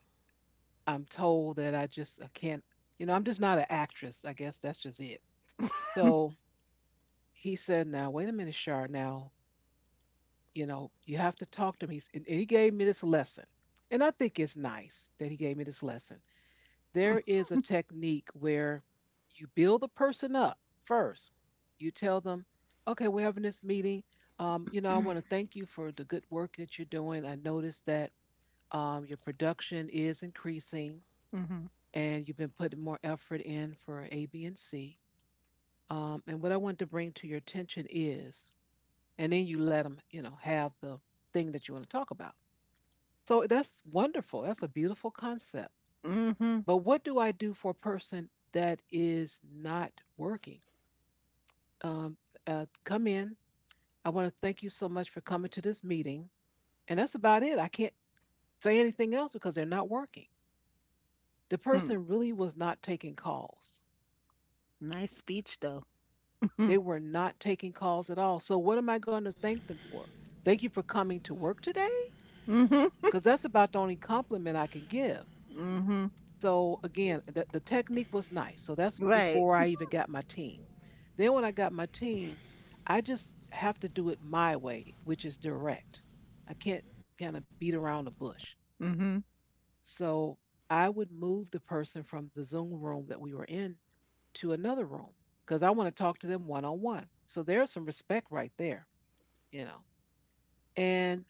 I'm told that I just, I can't, you know, I'm just not an actress. I guess that's just it. So he said, now, wait a minute, Shar, now, you know, you have to talk to him. And he gave me this lesson. And I think it's nice that he gave me this lesson. There is a technique where you build the person up first. You tell them, okay, we're having this meeting. You know, I want to thank you for the good work that you're doing. I noticed that your production is increasing
Mm-hmm.
and you've been putting more effort in for A, B, and C. And what I want to bring to your attention is, and then you let them, you know, have the thing that you want to talk about. So that's wonderful. That's a beautiful concept.
Mm-hmm.
But what do I do for a person that is not working? Um, come in. I want to thank you so much for coming to this meeting. And that's about it. I can't say anything else because they're not working. The
Mm.
person really was not taking calls.
Nice speech, though. Mm-hmm.
They were not taking calls at all. So, what am I going to thank them for? Thank you for coming to work today?
Mm-hmm.
Because that's about the only compliment I can give.
Mm-hmm.
So again, the technique was nice. So that's
Right.
before I even got my team. Then when I got my team, I just have to do it my way, which is direct. I can't kind of beat around the bush.
Mm-hmm.
So I would move the person from the Zoom room that we were in to another room because I want to talk to them one on one. So there's some respect right there, you know. And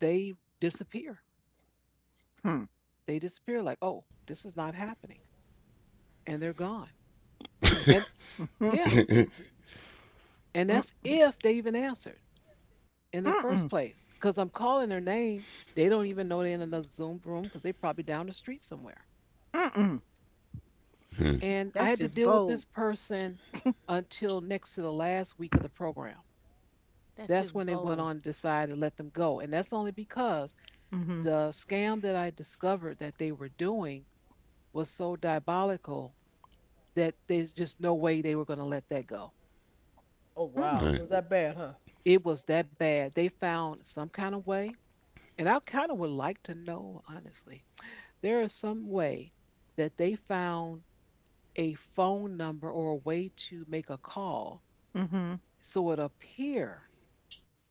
they disappear.
Hmm.
They disappear like, oh, this is not happening. And they're gone. And yeah,
Mm.
and
Mm.
that's if they even answered in the first
Mm-mm.
place. Because I'm calling their name. They don't even know they're in another Zoom room because they're probably down the street somewhere.
Mm-mm.
And I
That's
had to
just
deal with
bold.
this person until next to the last week of the program.
That's
That's
just
when they went
bold.
on to decide to let them go. And that's only because
Mm-hmm.
the scam that I discovered that they were doing was so diabolical that there's just no way they were going to let that go.
Oh
Mm-hmm.
Right.
wow. It was that bad, huh?
It was that bad. They found some kind of way. And I kind of would like to know, honestly, there is some way that they found a phone number or a way to make a call
Mm-hmm.
so it appear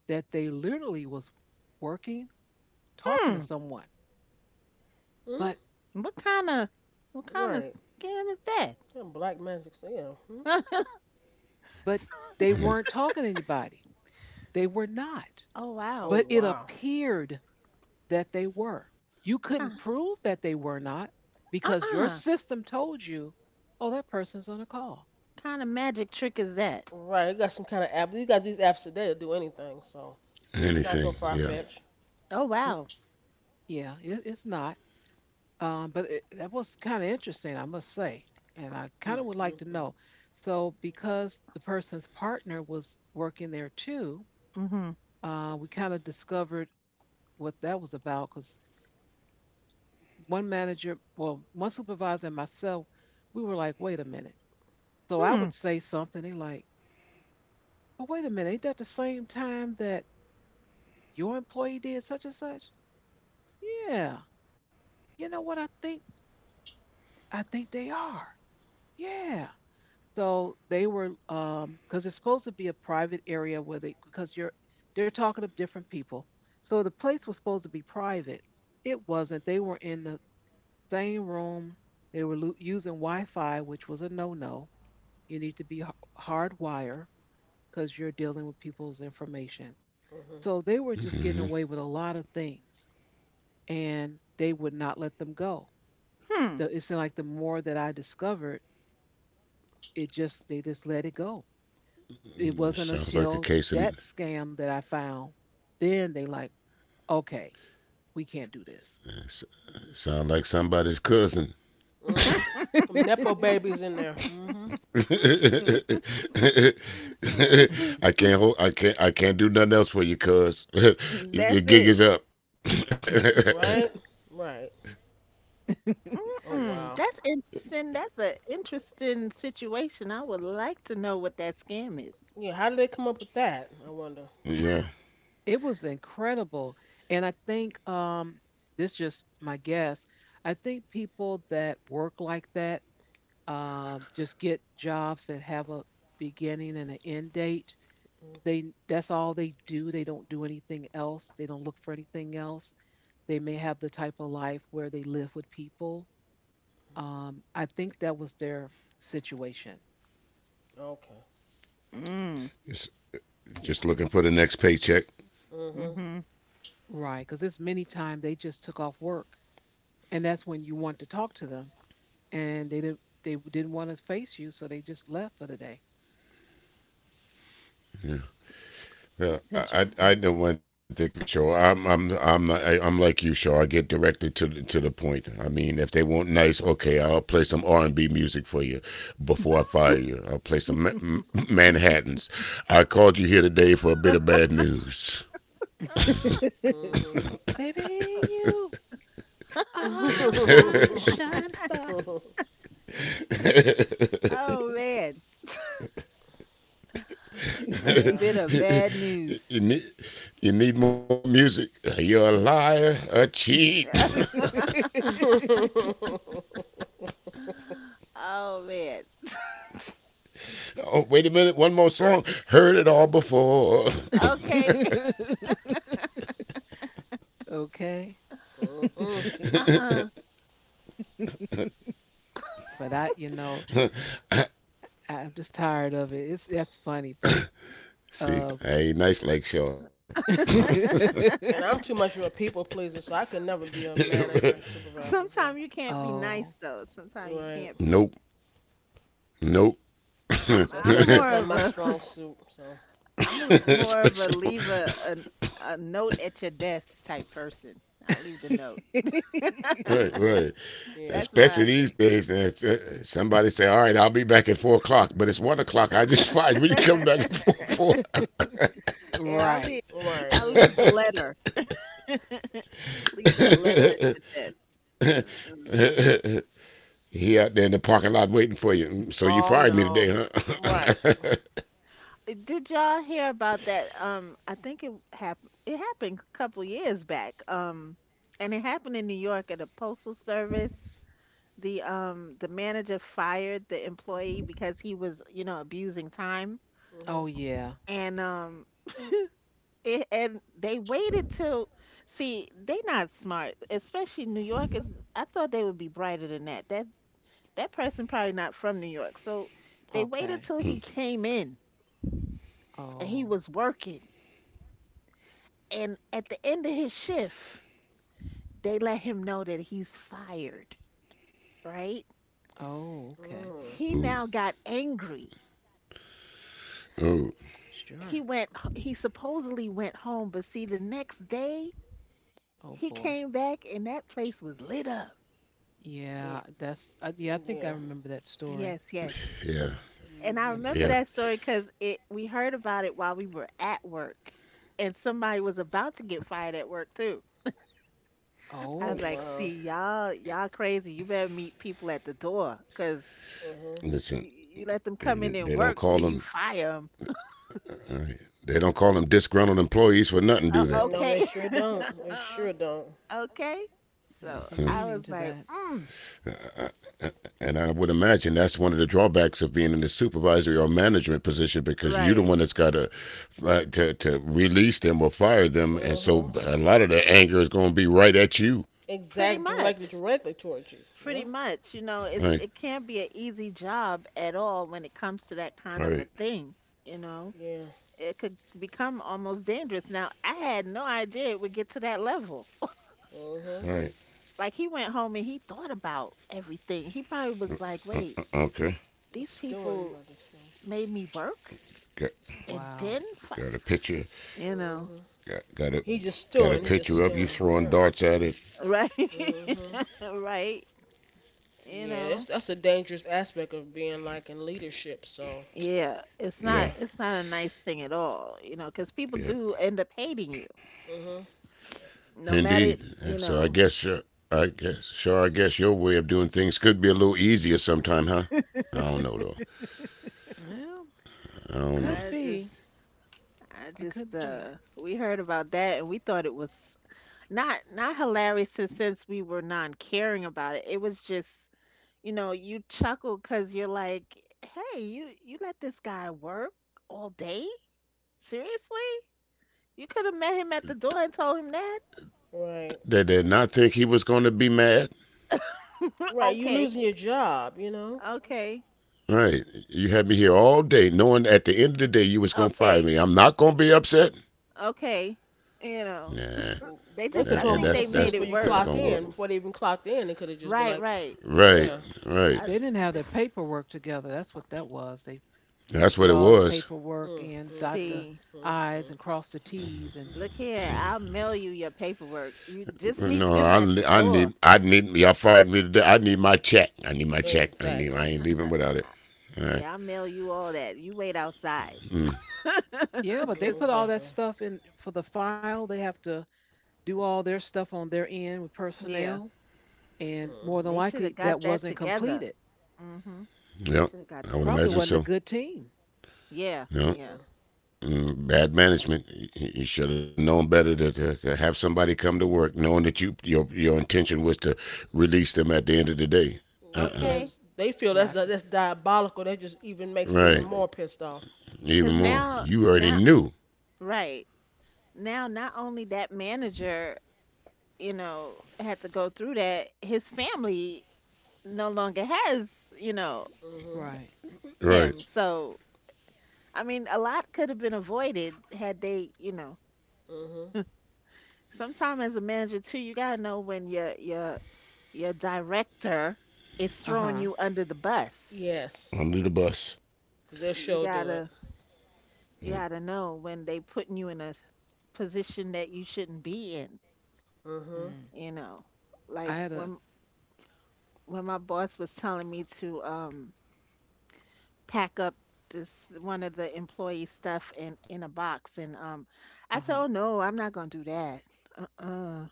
that they literally was working, talking to
Mm.
someone,
Hmm?
but
What kind of what kind of
Right.
scam is that?
Yeah, black magic. So yeah. Hmm?
but
S-
Mm.
they weren't talking to anybody, they were not,
oh
Oh
wow.
but it
wow.
appeared that they were. You couldn't
Kind
prove that they were not, because your
Uh-uh.
system told you, oh, that person's on a call.
Kind of magic trick is that?
Right. You got some kind of app. You got these apps today to do anything. So it's not so
Anything?
far
Yeah.
fetched.
Oh
Mm,
wow.
yeah it, it's not. But it, that was kind of interesting, I must say. And I kind
Mm.
of would
Mm.
like to
Mm.
know. So, because the person's partner was working there too,
Mm-hmm.
we kind of discovered what that was about, because one manager, well, one supervisor and myself, we were like, wait a minute. So I
Hmm.
would say something, they like, but wait a minute, ain't that the same time that your employee did such and such? Yeah. You know what? I think they are. Yeah. So they were, because it's supposed to be a private area where they, because they're talking to different people. So the place was supposed to be private. It wasn't. They were in the same room. They were using Wi-Fi, which was a no-no. You need to be hardwired because you're dealing with people's information. So they were just
Mm-hmm.
getting away with a lot of things, and they would not let them go.
Hmm.
The, it seemed like the more that I discovered, it just they just let it go. It wasn't
Sounds like
until
a case
that
of.
scam that I found, then they like, okay, we can't do this.
s- Sound like somebody's cousin.
Mhm. Mhm. Some nepo babies in there. Mhm.
I can't hold. I can't. I can't do nothing else for you, cuz the
That's
gig
it.
is up.
Right. Right. Oh
Mm-mm.
wow.
That's interesting. That's an interesting situation. I would like to know what that scam is.
Yeah. How did they come up with that? I wonder.
Yeah,
It was incredible. And I think this just my guess. I think people that work like that just get jobs that have a beginning and an end date.
Mhm.
They that's all they do. They don't do anything else. They don't look for anything else. They may have the type of life where they live with people. I think that was their situation.
Okay.
Mm.
just,
Yeah,
just looking for the next paycheck.
Mhm.
Mm-hmm.
right. Because it's many times they just took off work, and that's when you want to talk to them, and they didn't. They didn't want to face you, so they just left for the day.
Yeah.
That's
Yeah,
interesting.
I know one thing for sure. I'm not, I'm like you, Shaw. I get directed to the point. I mean, if they want nice, okay, I'll play some R&B music for you before I fire you. I'll play some Manhattan's. I called you here today for a bit of bad news.
Mhm.
Baby, you are my shining star.
Oh man. A
Yeah.
bit of bad news.
you need you need more music. You're a liar, a cheat.
Oh man.
Oh, wait a minute, one more song. Heard it all before.
Okay.
Okay.
Mm-mm.
Uh-uh.
But I, you know, I'm just tired of it. It's that's funny, but
See,
um
I ain't nice like Shaw.
And I'm too much of a people pleaser, so I could never be a manager or supervisor. So,
Sometimes you can't be nice
oh.
though. Sometimes you
right.
can't
Nope.
be.
Nope.
I'm
So that's why I
I'm
say it's
more
not
of
my
a.
strong suit. So,
I'm more of a
Especially
leave a note at your desk type person. I'll leave the note.
right, right.
mhm. Yeah.
That's
Especially
my
these
thing.
days, somebody say, "All right, I'll be back at 4 o'clock," but it's 1 o'clock. I just fired you. When you come back at four,
Yeah,
Right.
Right.
I'll
Yeah.
leave the letter. Leave that letter at your desk. Mm-mm.
he out there in the parking lot waiting for you. Mm, so you
Oh
fired me today,
no. Right.
huh?
Did y'all hear about that? I think it happened. It happened a couple years back. And it happened in New York at a postal service. The manager fired the employee because he was, you know, abusing time.
Oh
Mhm.
yeah.
And it, and they waited till, see, they not smart, especially New Yorkers. I thought they would be brighter than that. That that person probably not from New York. So they waited
Okay.
till he came in and he
Oh.
was working. And at the end of his shift, they let him know that he's fired, right?
Oh, okay.
Ooh,
He
Mm.
now got angry,
ooh,
he
Sure.
went he supposedly went home, but see, the next day
Oh
he
boy.
came back and that place was lit up. Yeah,
Yeah, that's yeah, I think I
Yeah.
remember that story.
yes, yes.
yeah,
And I
Mhm.
Um,
yeah.
remember that story because it, we heard about it while we were at work, and somebody was about to get fired at work too. I
Oh
was
oh,
like,
wow.
see, y'all crazy, you better meet people at the door, because
Mhm.
Listen,
you, you let them
they
come in
they
and
don't call
work
them.
till you fire them.
Uh, they don't call them disgruntled employees for nothing,
Oh,
do they?
No, they
okay.
sure don't. They
Uh,
sure don't.
okay,
Huh?
there's
so
some
I was
meaning to
like,
that.
mm,
And I would imagine that's one of the drawbacks of being in the supervisory or management position because you're the
right.
one that's got to release them or fire them, and so
Mhm.
a lot of the anger is going to be right at you.
Pretty
Exact
much.
directly, directly towards you.
Pretty
Yeah.
much, you
All
know,
right,
it's, it can't be an easy job at all when it comes to that kind
all
of a
right,
thing, you know.
Yeah.
It could become almost dangerous. Now, I had no idea it would get to that level.
Mhm.
all right.
Like he went home and he thought about everything. He probably was like, "Wait,
Okay,
Was
these
stewing,
people
but it's still.
made me work
got
and
Wow.
then fi-"
got a picture,
you know,
Mhm.
got got a
He just
got
stewing.
a
He just
picture of you
stewing. Yeah.
throwing darts at it.
right?
hmm.
right? You
Yeah, that's
know.
that's a dangerous aspect of being like in leadership. So
Yeah, it's not,
yeah.
it's
Yeah,
not a nice thing at all, you know, 'cause people do end up
yeah,
hating you
hmm.
no matter,
indeed.
you
And
know.
so I guess your way of doing things could be a little easier sometime, huh? I don't know though.
Well,
I
could
I
don't know.
just,
be.
I
It
just,
could be.
we heard about that and we thought it was not, not hilarious, since we were non-caring about it. It was just, you know, you chuckle because you're like, hey, you let this guy work all day? Seriously? You could have met him at the door and told him that?
Right.
They did not think he was going to be mad.
Right. You
Okay,
losing your job. You know.
okay,
Right. You had me here all day knowing at the end of the day you was going to
okay,
fire me. I'm not going to be upset.
okay. You know,
Nah.
they
They
just,
could
I
told
think
them to
That,
they
and
see me
made
that's
before
it
you
that's
worse.
not
clock
going to work.
in. Before they even clocked in, they could have just been
Right,
like,
right.
Right.
yeah.
Right.
I,
They didn't
I
have
think.
their paperwork together. That's what that was. They need to put
That's what it
all the
was.
paperwork
Mm,
in,
mm,
dot
mm,
the
See.
mm,
I's
mm.
and cross the T's. And
Look here, I'll mail you your paperwork. You just meet them
No,
at the
I, I
door.
need I need y'all fired me today. I need my check. I need my check. I
Exactly.
ain't leaving without it.
Uh,
All right.
Yeah, I'll mail you all that. You wait outside.
Mm,
yeah, but they
'Cause,
put all that
Exactly.
stuff in for the file. They have to do all their stuff on their end with
yeah,
personnel. And more than
Mm-hmm.
they should have
likely,
got
that
that
wasn't
together.
completed.
Hmm. They
yeah.
should have got
I
that
would
Probably
imagine
wasn't a
together.
so.
good team.
Yeah,
Mm-mm.
No.
yeah.
Mm, bad management. You should have known better to have somebody come to work knowing that your intention was to release them at the end of the day. Uh uh
Okay.
Because they feel
Lack of,
that's diabolical. That just even makes them even
Right.
more pissed off.
Even
Because
more. You already
now,
knew.
right. Now, not only that manager, you know, had to go through that, his family no longer has, you know,
Mhm.
right.
Right.
him. So I mean, a lot could have been avoided had they, you know.
Mhm.
Sometime as a manager too, you gotta know when your your director is
Uh
throwing
huh.
you under the bus.
Under
Yes.
the bus.
Cause they'll
You
sure do it.
gotta you gotta know when they putting you in a position that you shouldn't be in.
Mhm.
Mm.
You know,
I
like
had a,
when my boss was telling me to pack up this one of the employee stuff in a box, and
uh
I said,
huh.
oh no, I'm not gonna do that. Uh uh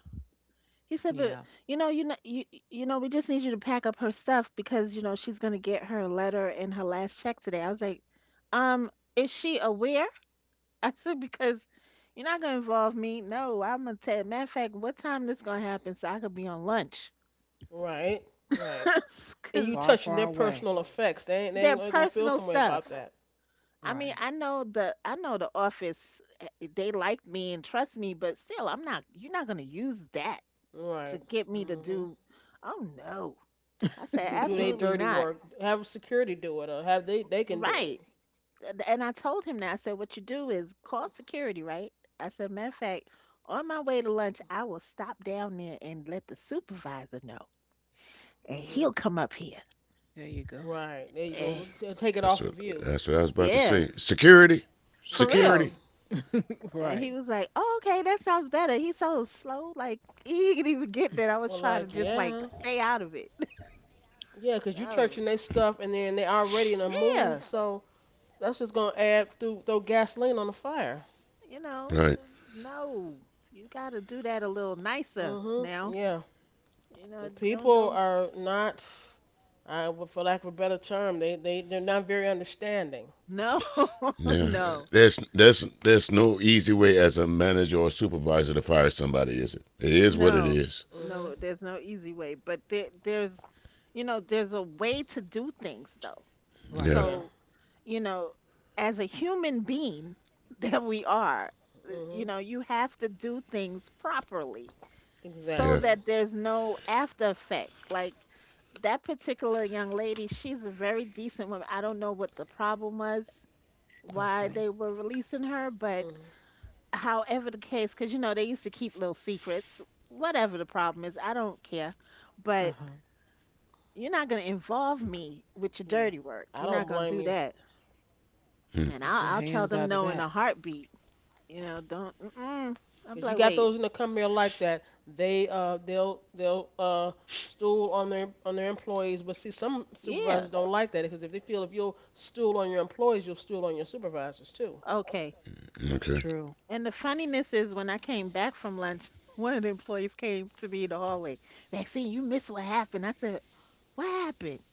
He said,
Yeah.
"But you know, you know, you you know, we just need you to pack up her stuff because you know she's gonna get her letter and her last check today." I was like, "Um, is she aware?" I said, "Because you're not gonna involve me. No, I'm gonna tell. Matter of fact, what time this gonna happen so I could be on lunch?
Right. Right. And you
Because
Far,
touching
far
their
away.
personal effects. They ain't they
they're
ain't they gonna feel
personal
some way about
stuff.
that.
I mean,
Right.
I know the office. They like me and trust me, but still, I'm not. You're not gonna use that
Right.
to get me to
Mhm.
do. Oh no." I
Do
said,
you do they
absolutely
dirty
not.
work? Have security do it, or have they can do it.
Right. And I told him that. I said, what you do is call security, right? I said, matter of fact, on my way to lunch, I will stop down there and let the supervisor know, and
Mhm.
he'll come up here.
There you go.
Right. There you go.
And
Look, take it
That's
off
what
of you.
that's what I was about to
yeah,
say. Security.
for
That-
real.
Security.
Mhm.
And he
right.
was like, oh, okay, that sounds better. He's so slow. Like, he didn't even get that. I was
Well,
trying to
like
just, like,
yeah,
stay out of it.
yeah, 'cause you
Oh,
touching their stuff, and then they already in a mood,
yeah.
so that's just gonna add through throw gasoline on the fire.
You know,
Right.
uh, no, you got to do that a little nicer
Mhm.
now.
Yeah.
You know,
Because
don't
people
don't
are not, for lack of a better term, they're not very understanding.
No,
Now,
no,
there's no easy way as a manager or supervisor to fire somebody, is it? It is what it
no,
is.
Mhm.
no. There's no easy way, but there's a way to do things though.
Right.
Yeah.
Yeah.
So, you know, as a human being that we are,
Yeah.
you
Mhm.
know, you have to do things properly so
Exactly.
Yeah.
that there's no after effect. Like that particular young lady, she's a very decent woman. I don't know what the problem was, why
Okay.
they were releasing her, but
Mhm.
however the case, because you know they used to keep little secrets. Whatever the problem is, I don't care. But
Uh-huh.
you're not gonna involve me with your
Yeah.
dirty work.
I
You're
don't
not gonna
blame
do
you, cause
that.
Hmm.
And
Keep your
I'll tell
hands
them
out of
no in a
that.
heartbeat. You know, don't. Mm-mm. I'm
you
like,
got
wait,
those in the company like that. They'll stool on their employees. But see, some
yeah,
supervisors don't like that because if they feel if you'll stool on your employees, you'll stool on your supervisors too.
okay.
Okay.
True.
And the funniness is when I came back from lunch, one of the employees came to me in the hallway. Maxine, you missed what happened. I said, what happened?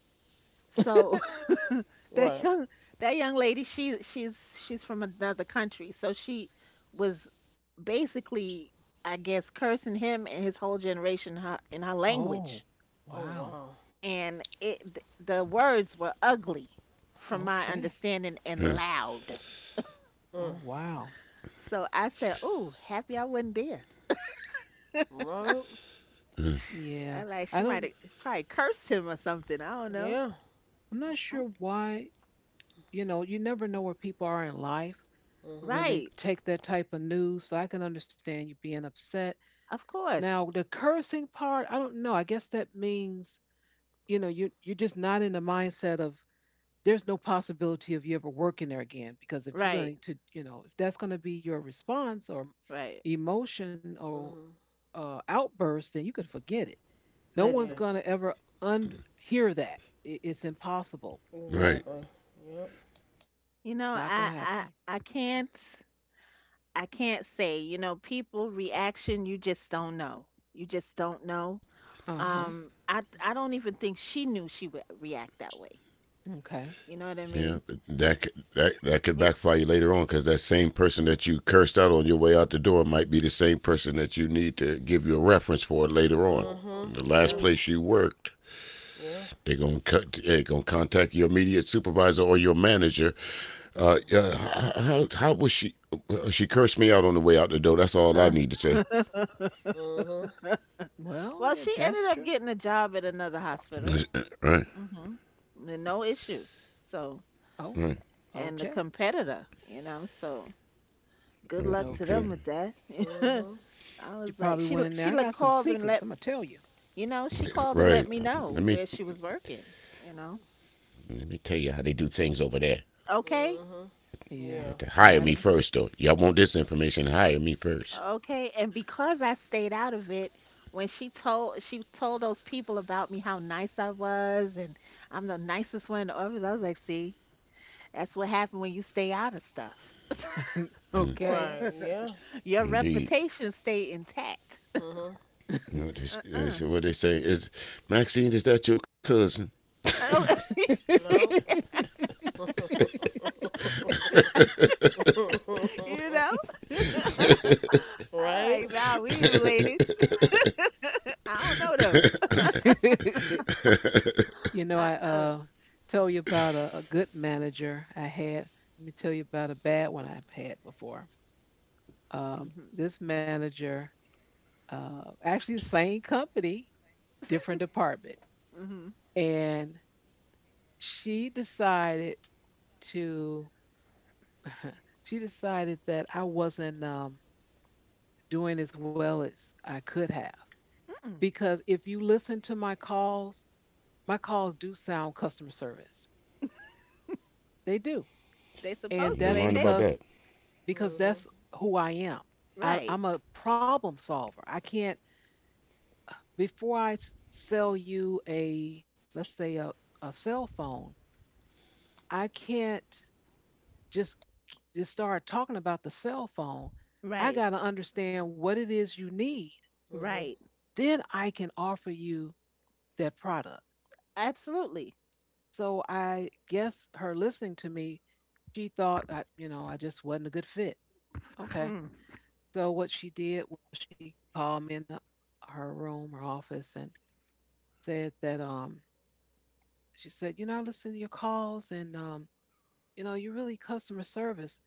So that
Right.
young that young lady she's from another country so she was basically I guess cursing him and his whole generation in her
Oh,
language
Oh
wow.
wow.
and the words were ugly from my
Okay.
Hmm.
understanding and loud
Mm.
Oh, wow.
so I said oh happy I wasn't there
Right.
Yeah.
I like
I
she might
don't,
have probably cursed him or something I don't know.
Yeah.
I'm not
Mm-mm.
sure why, you know, you never know where people are in life
Mhm.
when they
Right.
take that type of news. So I can understand you being upset.
Of
Now,
course.
the cursing part, I don't know. I guess that means, you know, you're just not in the mindset of there's no possibility of you ever working there again, because if you're
Right.
going to, you know, if that's going to be your response or
Right.
emotion or
Mhm.
outburst, then you can forget it. No one's
Yeah.
Listen.
going to ever unhear that. It's impossible.
Right.
Exactly. Yep.
You know
Not going to happen.
I can't. I can't say, you know, people reaction, you just don't know. You just don't know.
Uh-huh.
I don't even think she knew she would react that way.
Okay.
You know what I
Yeah, but
mean?
that could
It,
backfire you later on because that same person that you cursed out on your way out the door might be the same person that you need to give you a reference for later on.
Mm-hmm.
The last
Yeah.
place you worked,
Yeah. Yeah.
they're gonna cut. They're gonna contact your immediate supervisor or your manager. How was she? She cursed me out on the way out the door. That's all I
uh,
need to say.
Mm-hmm.
Well,
well,
yeah,
she ended
that's
up
true.
getting a job at another hospital.
Right.
Hmm. No issue. So,
Oh,
Right.
and the
okay.
competitor, you know, so good luck to them
Okay.
Okay,
with that.
Mm-hmm.
I
you
was
probably
like,
went in there, I
she
got
like
some
called and
secrets, I'm
let
going to tell you.
you know,
Yeah,
she
right.
called and let me
Let me
know where she was working, you know.
let me tell you how they do things over there.
Okay.
Mm-hmm.
Yeah,
You
Yeah.
to
it
hire
might
me
have.
first, though. Y'all want this information? Hire me first.
Okay. And because I stayed out of it, when she told those people about me how nice I was and I'm the nicest one in the office, I was like, see, that's what happened when you stay out of stuff.
Mhm.
Okay.
Right. Yeah.
Your
Indeed.
reputation stay intact.
Mm-hmm.
You know this,
Uh-uh.
what they say is, Maxine, is that your cousin?
Oh,
No.
you know? I'm
Right?
like, nah, we ain't related. I don't know them.
You know, I
Uh-uh.
told you about a good manager I had. Let me tell you about a bad one I've had before.
Mm-hmm.
This manager, actually the same company, different department,
Mm-hmm.
and she decided to, she decided that I wasn't doing as well as I could have,
Mm-mm.
because if you listen to my calls do sound customer service. They do.
They
You
And
supposed
ain't
to,
that's
lying
ain't they?
about
because
that.
because that's
Mm-hmm.
who I am. I,
Right.
I'm a problem solver. I can't, before I sell you a, let's say, a cell phone, I can't just just start talking about the cell phone. I
Right.
got to understand what it is you need.
Mm-hmm.
Right.
Then I can offer you that product.
Absolutely.
So I guess her listening to me, she thought I just wasn't a good fit. Okay.
Mm.
So what she did was she called me in her room or office and said that she said, you know, I listen to your calls, and you know you're really customer service,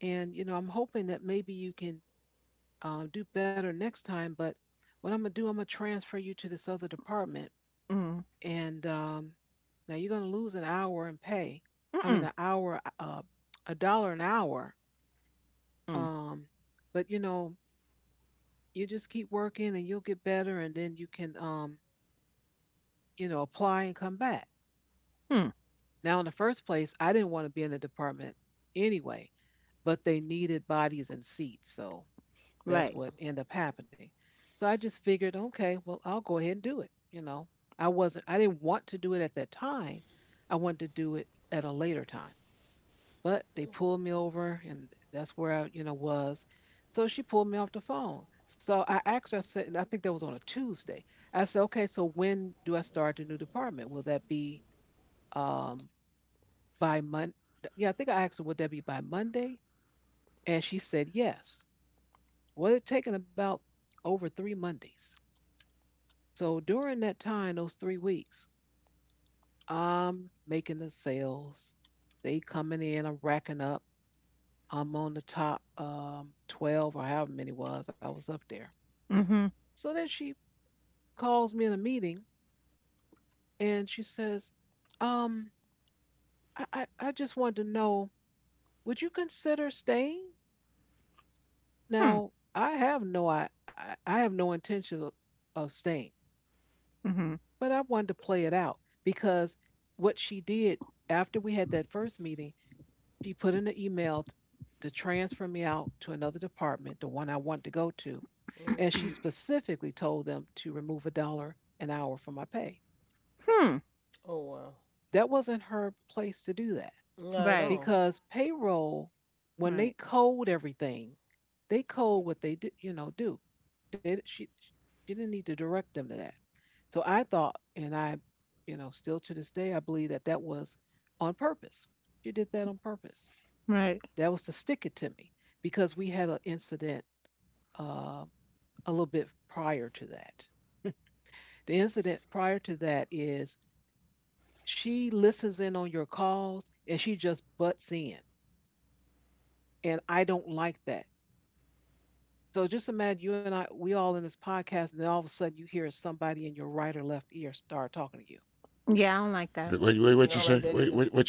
and you know I'm hoping that maybe you can do better next time. But what I'm gonna do, I'm gonna transfer you to this other department,
Mm.
and now you're gonna lose an hour in pay. I mean,
Mm-mm,
an hour, a dollar an hour.
mm,
Um, but you know, you just keep working and you'll get better, and then you can you know, apply and come back.
hmm,
Now, in the first place, I didn't want to be in the department anyway, but they needed bodies and seats. So that's
right.
what ended
Mm-hmm.
up happening. So I just figured, okay, well, I'll go ahead and do it. You know, I didn't want to do it at that time. I wanted to do it at a later time, but they pulled me over and that's where I, you know, was. So she pulled me off the phone. So I asked her, I said, and I think that was on a Tuesday. I said, okay, so when do I start the new department? Will that be um, by Mon. Yeah, I think I asked her, would that be by Monday? And she said yes. Well, it taken about over three Mondays. So during that time, those 3 weeks, I'm making the sales. They coming in, I'm racking up. I'm on the top 12 or however many was. I was up there.
Mhm,
So then she calls me in a meeting and she says, um, I just wanted to know, would you consider staying?
mm hmm,
Now, I have no intention of staying,
mhm,
but I wanted to play it out because what she did after we had that first meeting, she put in an email to transfer me out to another department, the one I wanted to go to, and
Mm-hmm.
she specifically told them to remove a dollar an hour from my pay.
hmm,
Oh, wow.
That wasn't her place to do that,
Not at
right,
all.
because payroll, when they
right,
code everything, they code what they do, you know, do they? She didn't need to direct them to that. So I thought, and I, you know, still to this day I believe that was on purpose. She did that on purpose.
right.
That was to stick it to me, because we had an incident, uh, a little bit prior to that. The incident prior to that is, she listens in on your calls, and she just butts in, and I don't like that. So just imagine you and I, we all in this podcast, and then all of a sudden you hear somebody in your right or left ear start talking to you.
Yeah, I don't
Wait,
like
wait,
that.
wait, what you
I
say?
don't
Wait,
like that
wait, what you
either.
say?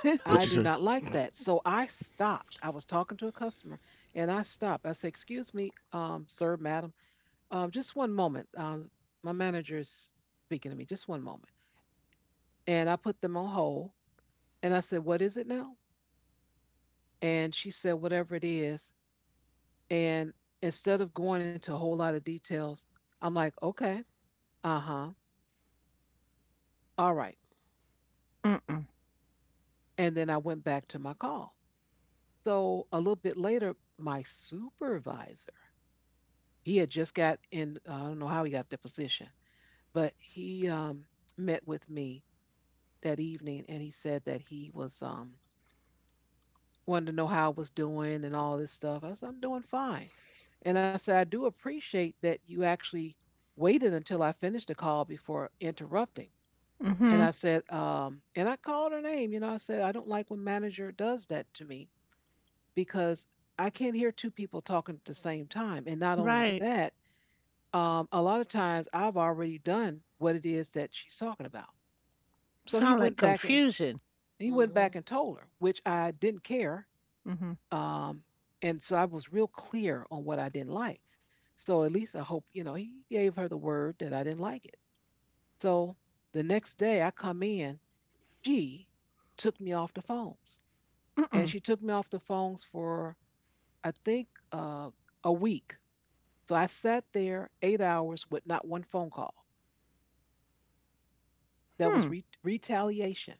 What you say?
I do not like that. So I stopped. I was talking to a customer, and I stopped. I said, excuse me, sir, madam, just one moment. My manager is speaking to me, just one moment. And I put them on hold and I said, what is it now? And she said, whatever it is. And instead of going into a whole lot of details, I'm like, okay, uh huh, all right.
Mm-mm, mm,
And then I went back to my call. So a little bit later, my supervisor, he had just got in, I don't know how he got the position, but he met with me that evening and he said that he was wanted to know how I was doing and all this stuff. I said, I'm doing fine. And I said, I do appreciate that you actually waited until I finished the call before interrupting. And
mhm,
I said, and I called her name. You know, I said, I don't like when manager does that to me, because I can't hear two people talking at the same time. And not only
right.
that, a lot of times I've already done what it is that she's talking about. So he
Sound like
went back and
confusion.
he went
Mm-hmm.
back and told her, which I didn't care.
Mhm,
Um, and so I was real clear on what I didn't like. So at least I hope, you know, he gave her the word that I didn't like it. So the next day I come in, she took me off the phones. And
mm-mm,
she took me off the phones for, I think, a week. So I sat there 8 hours with not one phone call. That
hmm.
was retaliation.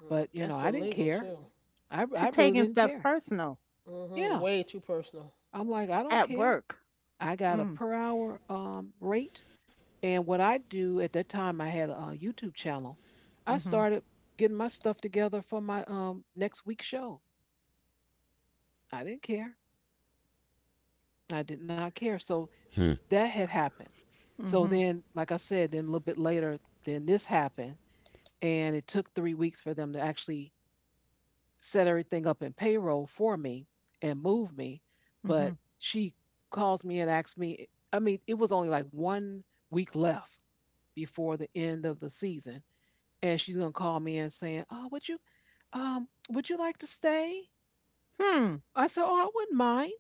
Mm.
But, you know,
That's
I didn't
illegal,
care.
too.
I,
She
I really
taking
didn't
stuff
care.
personal
Mm-hmm.
Yeah.
Way too personal.
I'm like, I don't
at
care.
work.
I got a
Mm,
per hour rate. And what I do at that time, I had a YouTube channel. I
mhm,
started getting my stuff together for my next week's show. I didn't care. I did not care. So
Hmm.
that had happened. So
mhm,
then, like I said, then a little bit later, then this happened. And it took 3 weeks for them to actually set everything up in payroll for me and move me.
mhm,
But she calls me and asks me, I mean, it was only like one week left before the end of the season. And she's gonna call me and saying, oh, would you like to stay?
hmm,
I said, oh, I wouldn't mind,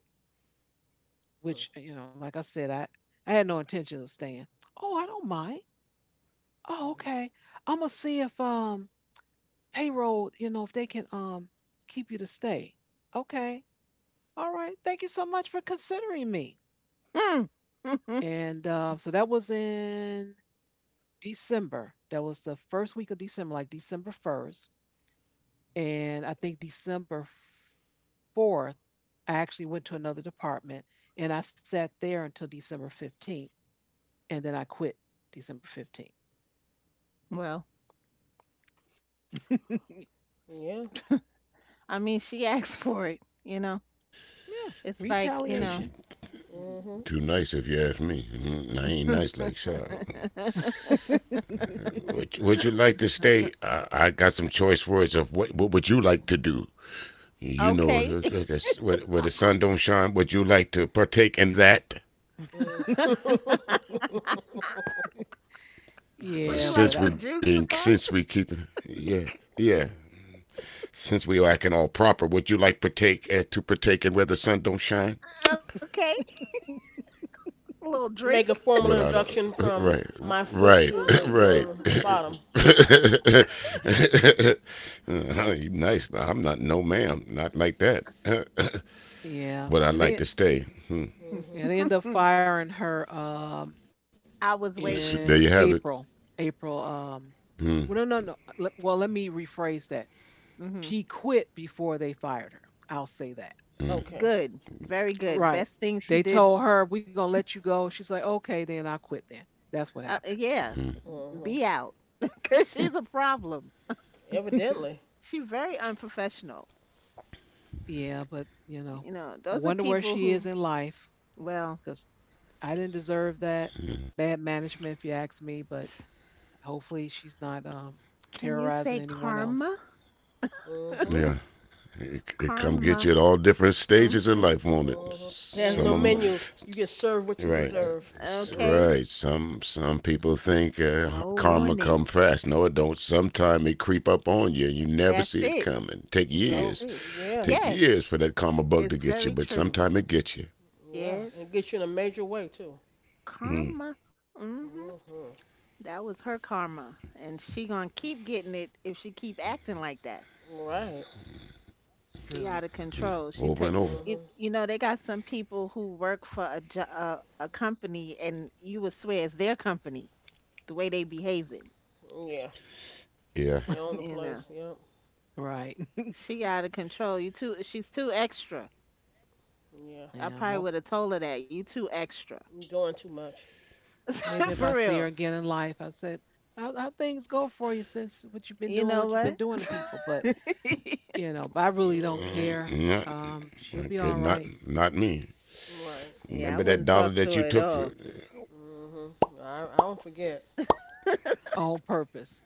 which, you know, like I said, I had no intention of staying. Oh, I don't mind. Oh,
Mm-hmm.
okay. I'm gonna see if payroll, you know, if they can keep you to stay. Okay. All right. Thank you so much for considering me.
hmm. Mhm.
And so that was in December. That was the first week of December, like December 1st. And I think December 4th, I actually went to another department and I sat there until December 15th. And then I quit December 15th.
Well,
Yeah.
Yeah.
I mean, she asked for it, you know. It's like, you
Too,
Retaliation.
know,
too nice, if you ask me. Mhm. I ain't nice like Shaw. Would you like to stay? I got some choice words of what. What would you like to do? You know,
okay,
where, the sun don't shine. Would you like to partake in that?
Mm-hmm. Mm.
would
Yeah.
you
Since
like
we
some
being
juice with
since we
that?
keeping yeah yeah since we are acting all proper, would you like partake to partake in where the sun don't shine?
Okay. A little
Make
drink.
a formal
What I
induction from
right,
my foot
right,
to the your
right.
bottom.
You nice. I'm not no ma'am. Not like that.
Yeah.
Would I like to stay? Hmm.
Mhm.
Yeah, they end up
Mhm.
firing her.
I was
There you
waiting.
In
have it.
April. April.
Hmm.
Well, no, no, no. Well, let me rephrase that.
Mhm.
She quit before they fired her. I'll say that.
Hmm.
Okay.
Good. Very good.
Right.
Best thing she
They
did.
told her we're gonna let you go. She's like, okay, then I quit. Then that's what happened.
Yeah,
Hmm.
Mhm.
be out because she's a problem.
Evidently.
She's very unprofessional.
Yeah, but you know,
You know,
I
those are
wonder where
people
she is
who,
in life,
well,
because I didn't deserve that, bad management, if you ask me. But hopefully, she's not
can you
terrorizing
say
anyone else.
karma?
Mhm.
Yeah. It come get
Karma.
you at all different stages of
Hmm.
life, won't it?
Mhm. It has no
Yes.
Some of them,
menu. You get served what you
right,
deserve. Yep.
Okay.
right. Some people think
No
karma
warning.
come fast. No, it don't. Sometime it creep up on you, and you never
That's
see
it.
it coming. Take
That's
No.
it.
years,
Yeah.
Yes,
take years for that karma
it's
bug to
very
get you,
true.
but
Mm.
sometime it gets you.
Yeah. And it
Yes.
gets you in a major way too.
Karma.
Mm.
Hmm.
Mhm.
That was her karma, and she gonna keep getting it if she keep acting like that.
Right.
She out
True.
of control. She take
Over and
you,
Mhm.
over.
you know they got some people who work for a a company, and you would swear it's their company the way they behaving.
Yeah.
Yeah,
They own the
You
place.
know
Yep.
Right.
she out of control. You too. She's too extra.
Yeah.
I
Yeah.
probably
More
would have told her that you too extra
Doing too much.
Maybe if I
for
see her
yeah.
real.
again in life, I said, how things go for you since what you've been
You
doing,
know
what you've been
what?
doing to people. But, you know, but I really don't
Mhm.
care.
Mm, not
She'll be all
okay.
right
Not me.
Right.
Yeah, I wouldn't
Remember
talk
that
to her
dollar
at
that you
all.
took? For,
Mhm. I don't forget.
on purpose.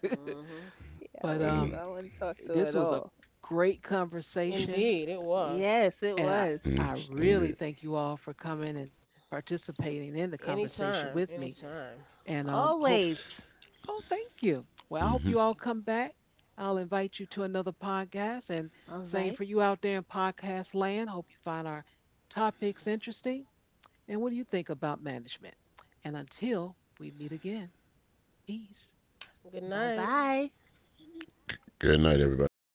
Mhm.
Yeah, I
But
wouldn't. I
mm,
wouldn't talk to her
this
at
was a
all.
great conversation.
Indeed, it was.
Yes, it
And I,
was.
I
mm,
really thank you
indeed.
all for coming and participating in the conversation
Anytime,
with me.
anytime.
And hope
Always.
Oh, thank you. Well, I hope
Mhm.
you all come back. I'll invite you to another podcast. And
All
same
right.
for you out there in podcast land. Hope you find our topics interesting. And what do you think about management? And until we meet again, peace.
Good
Bye
night.
bye.
Good night, everybody.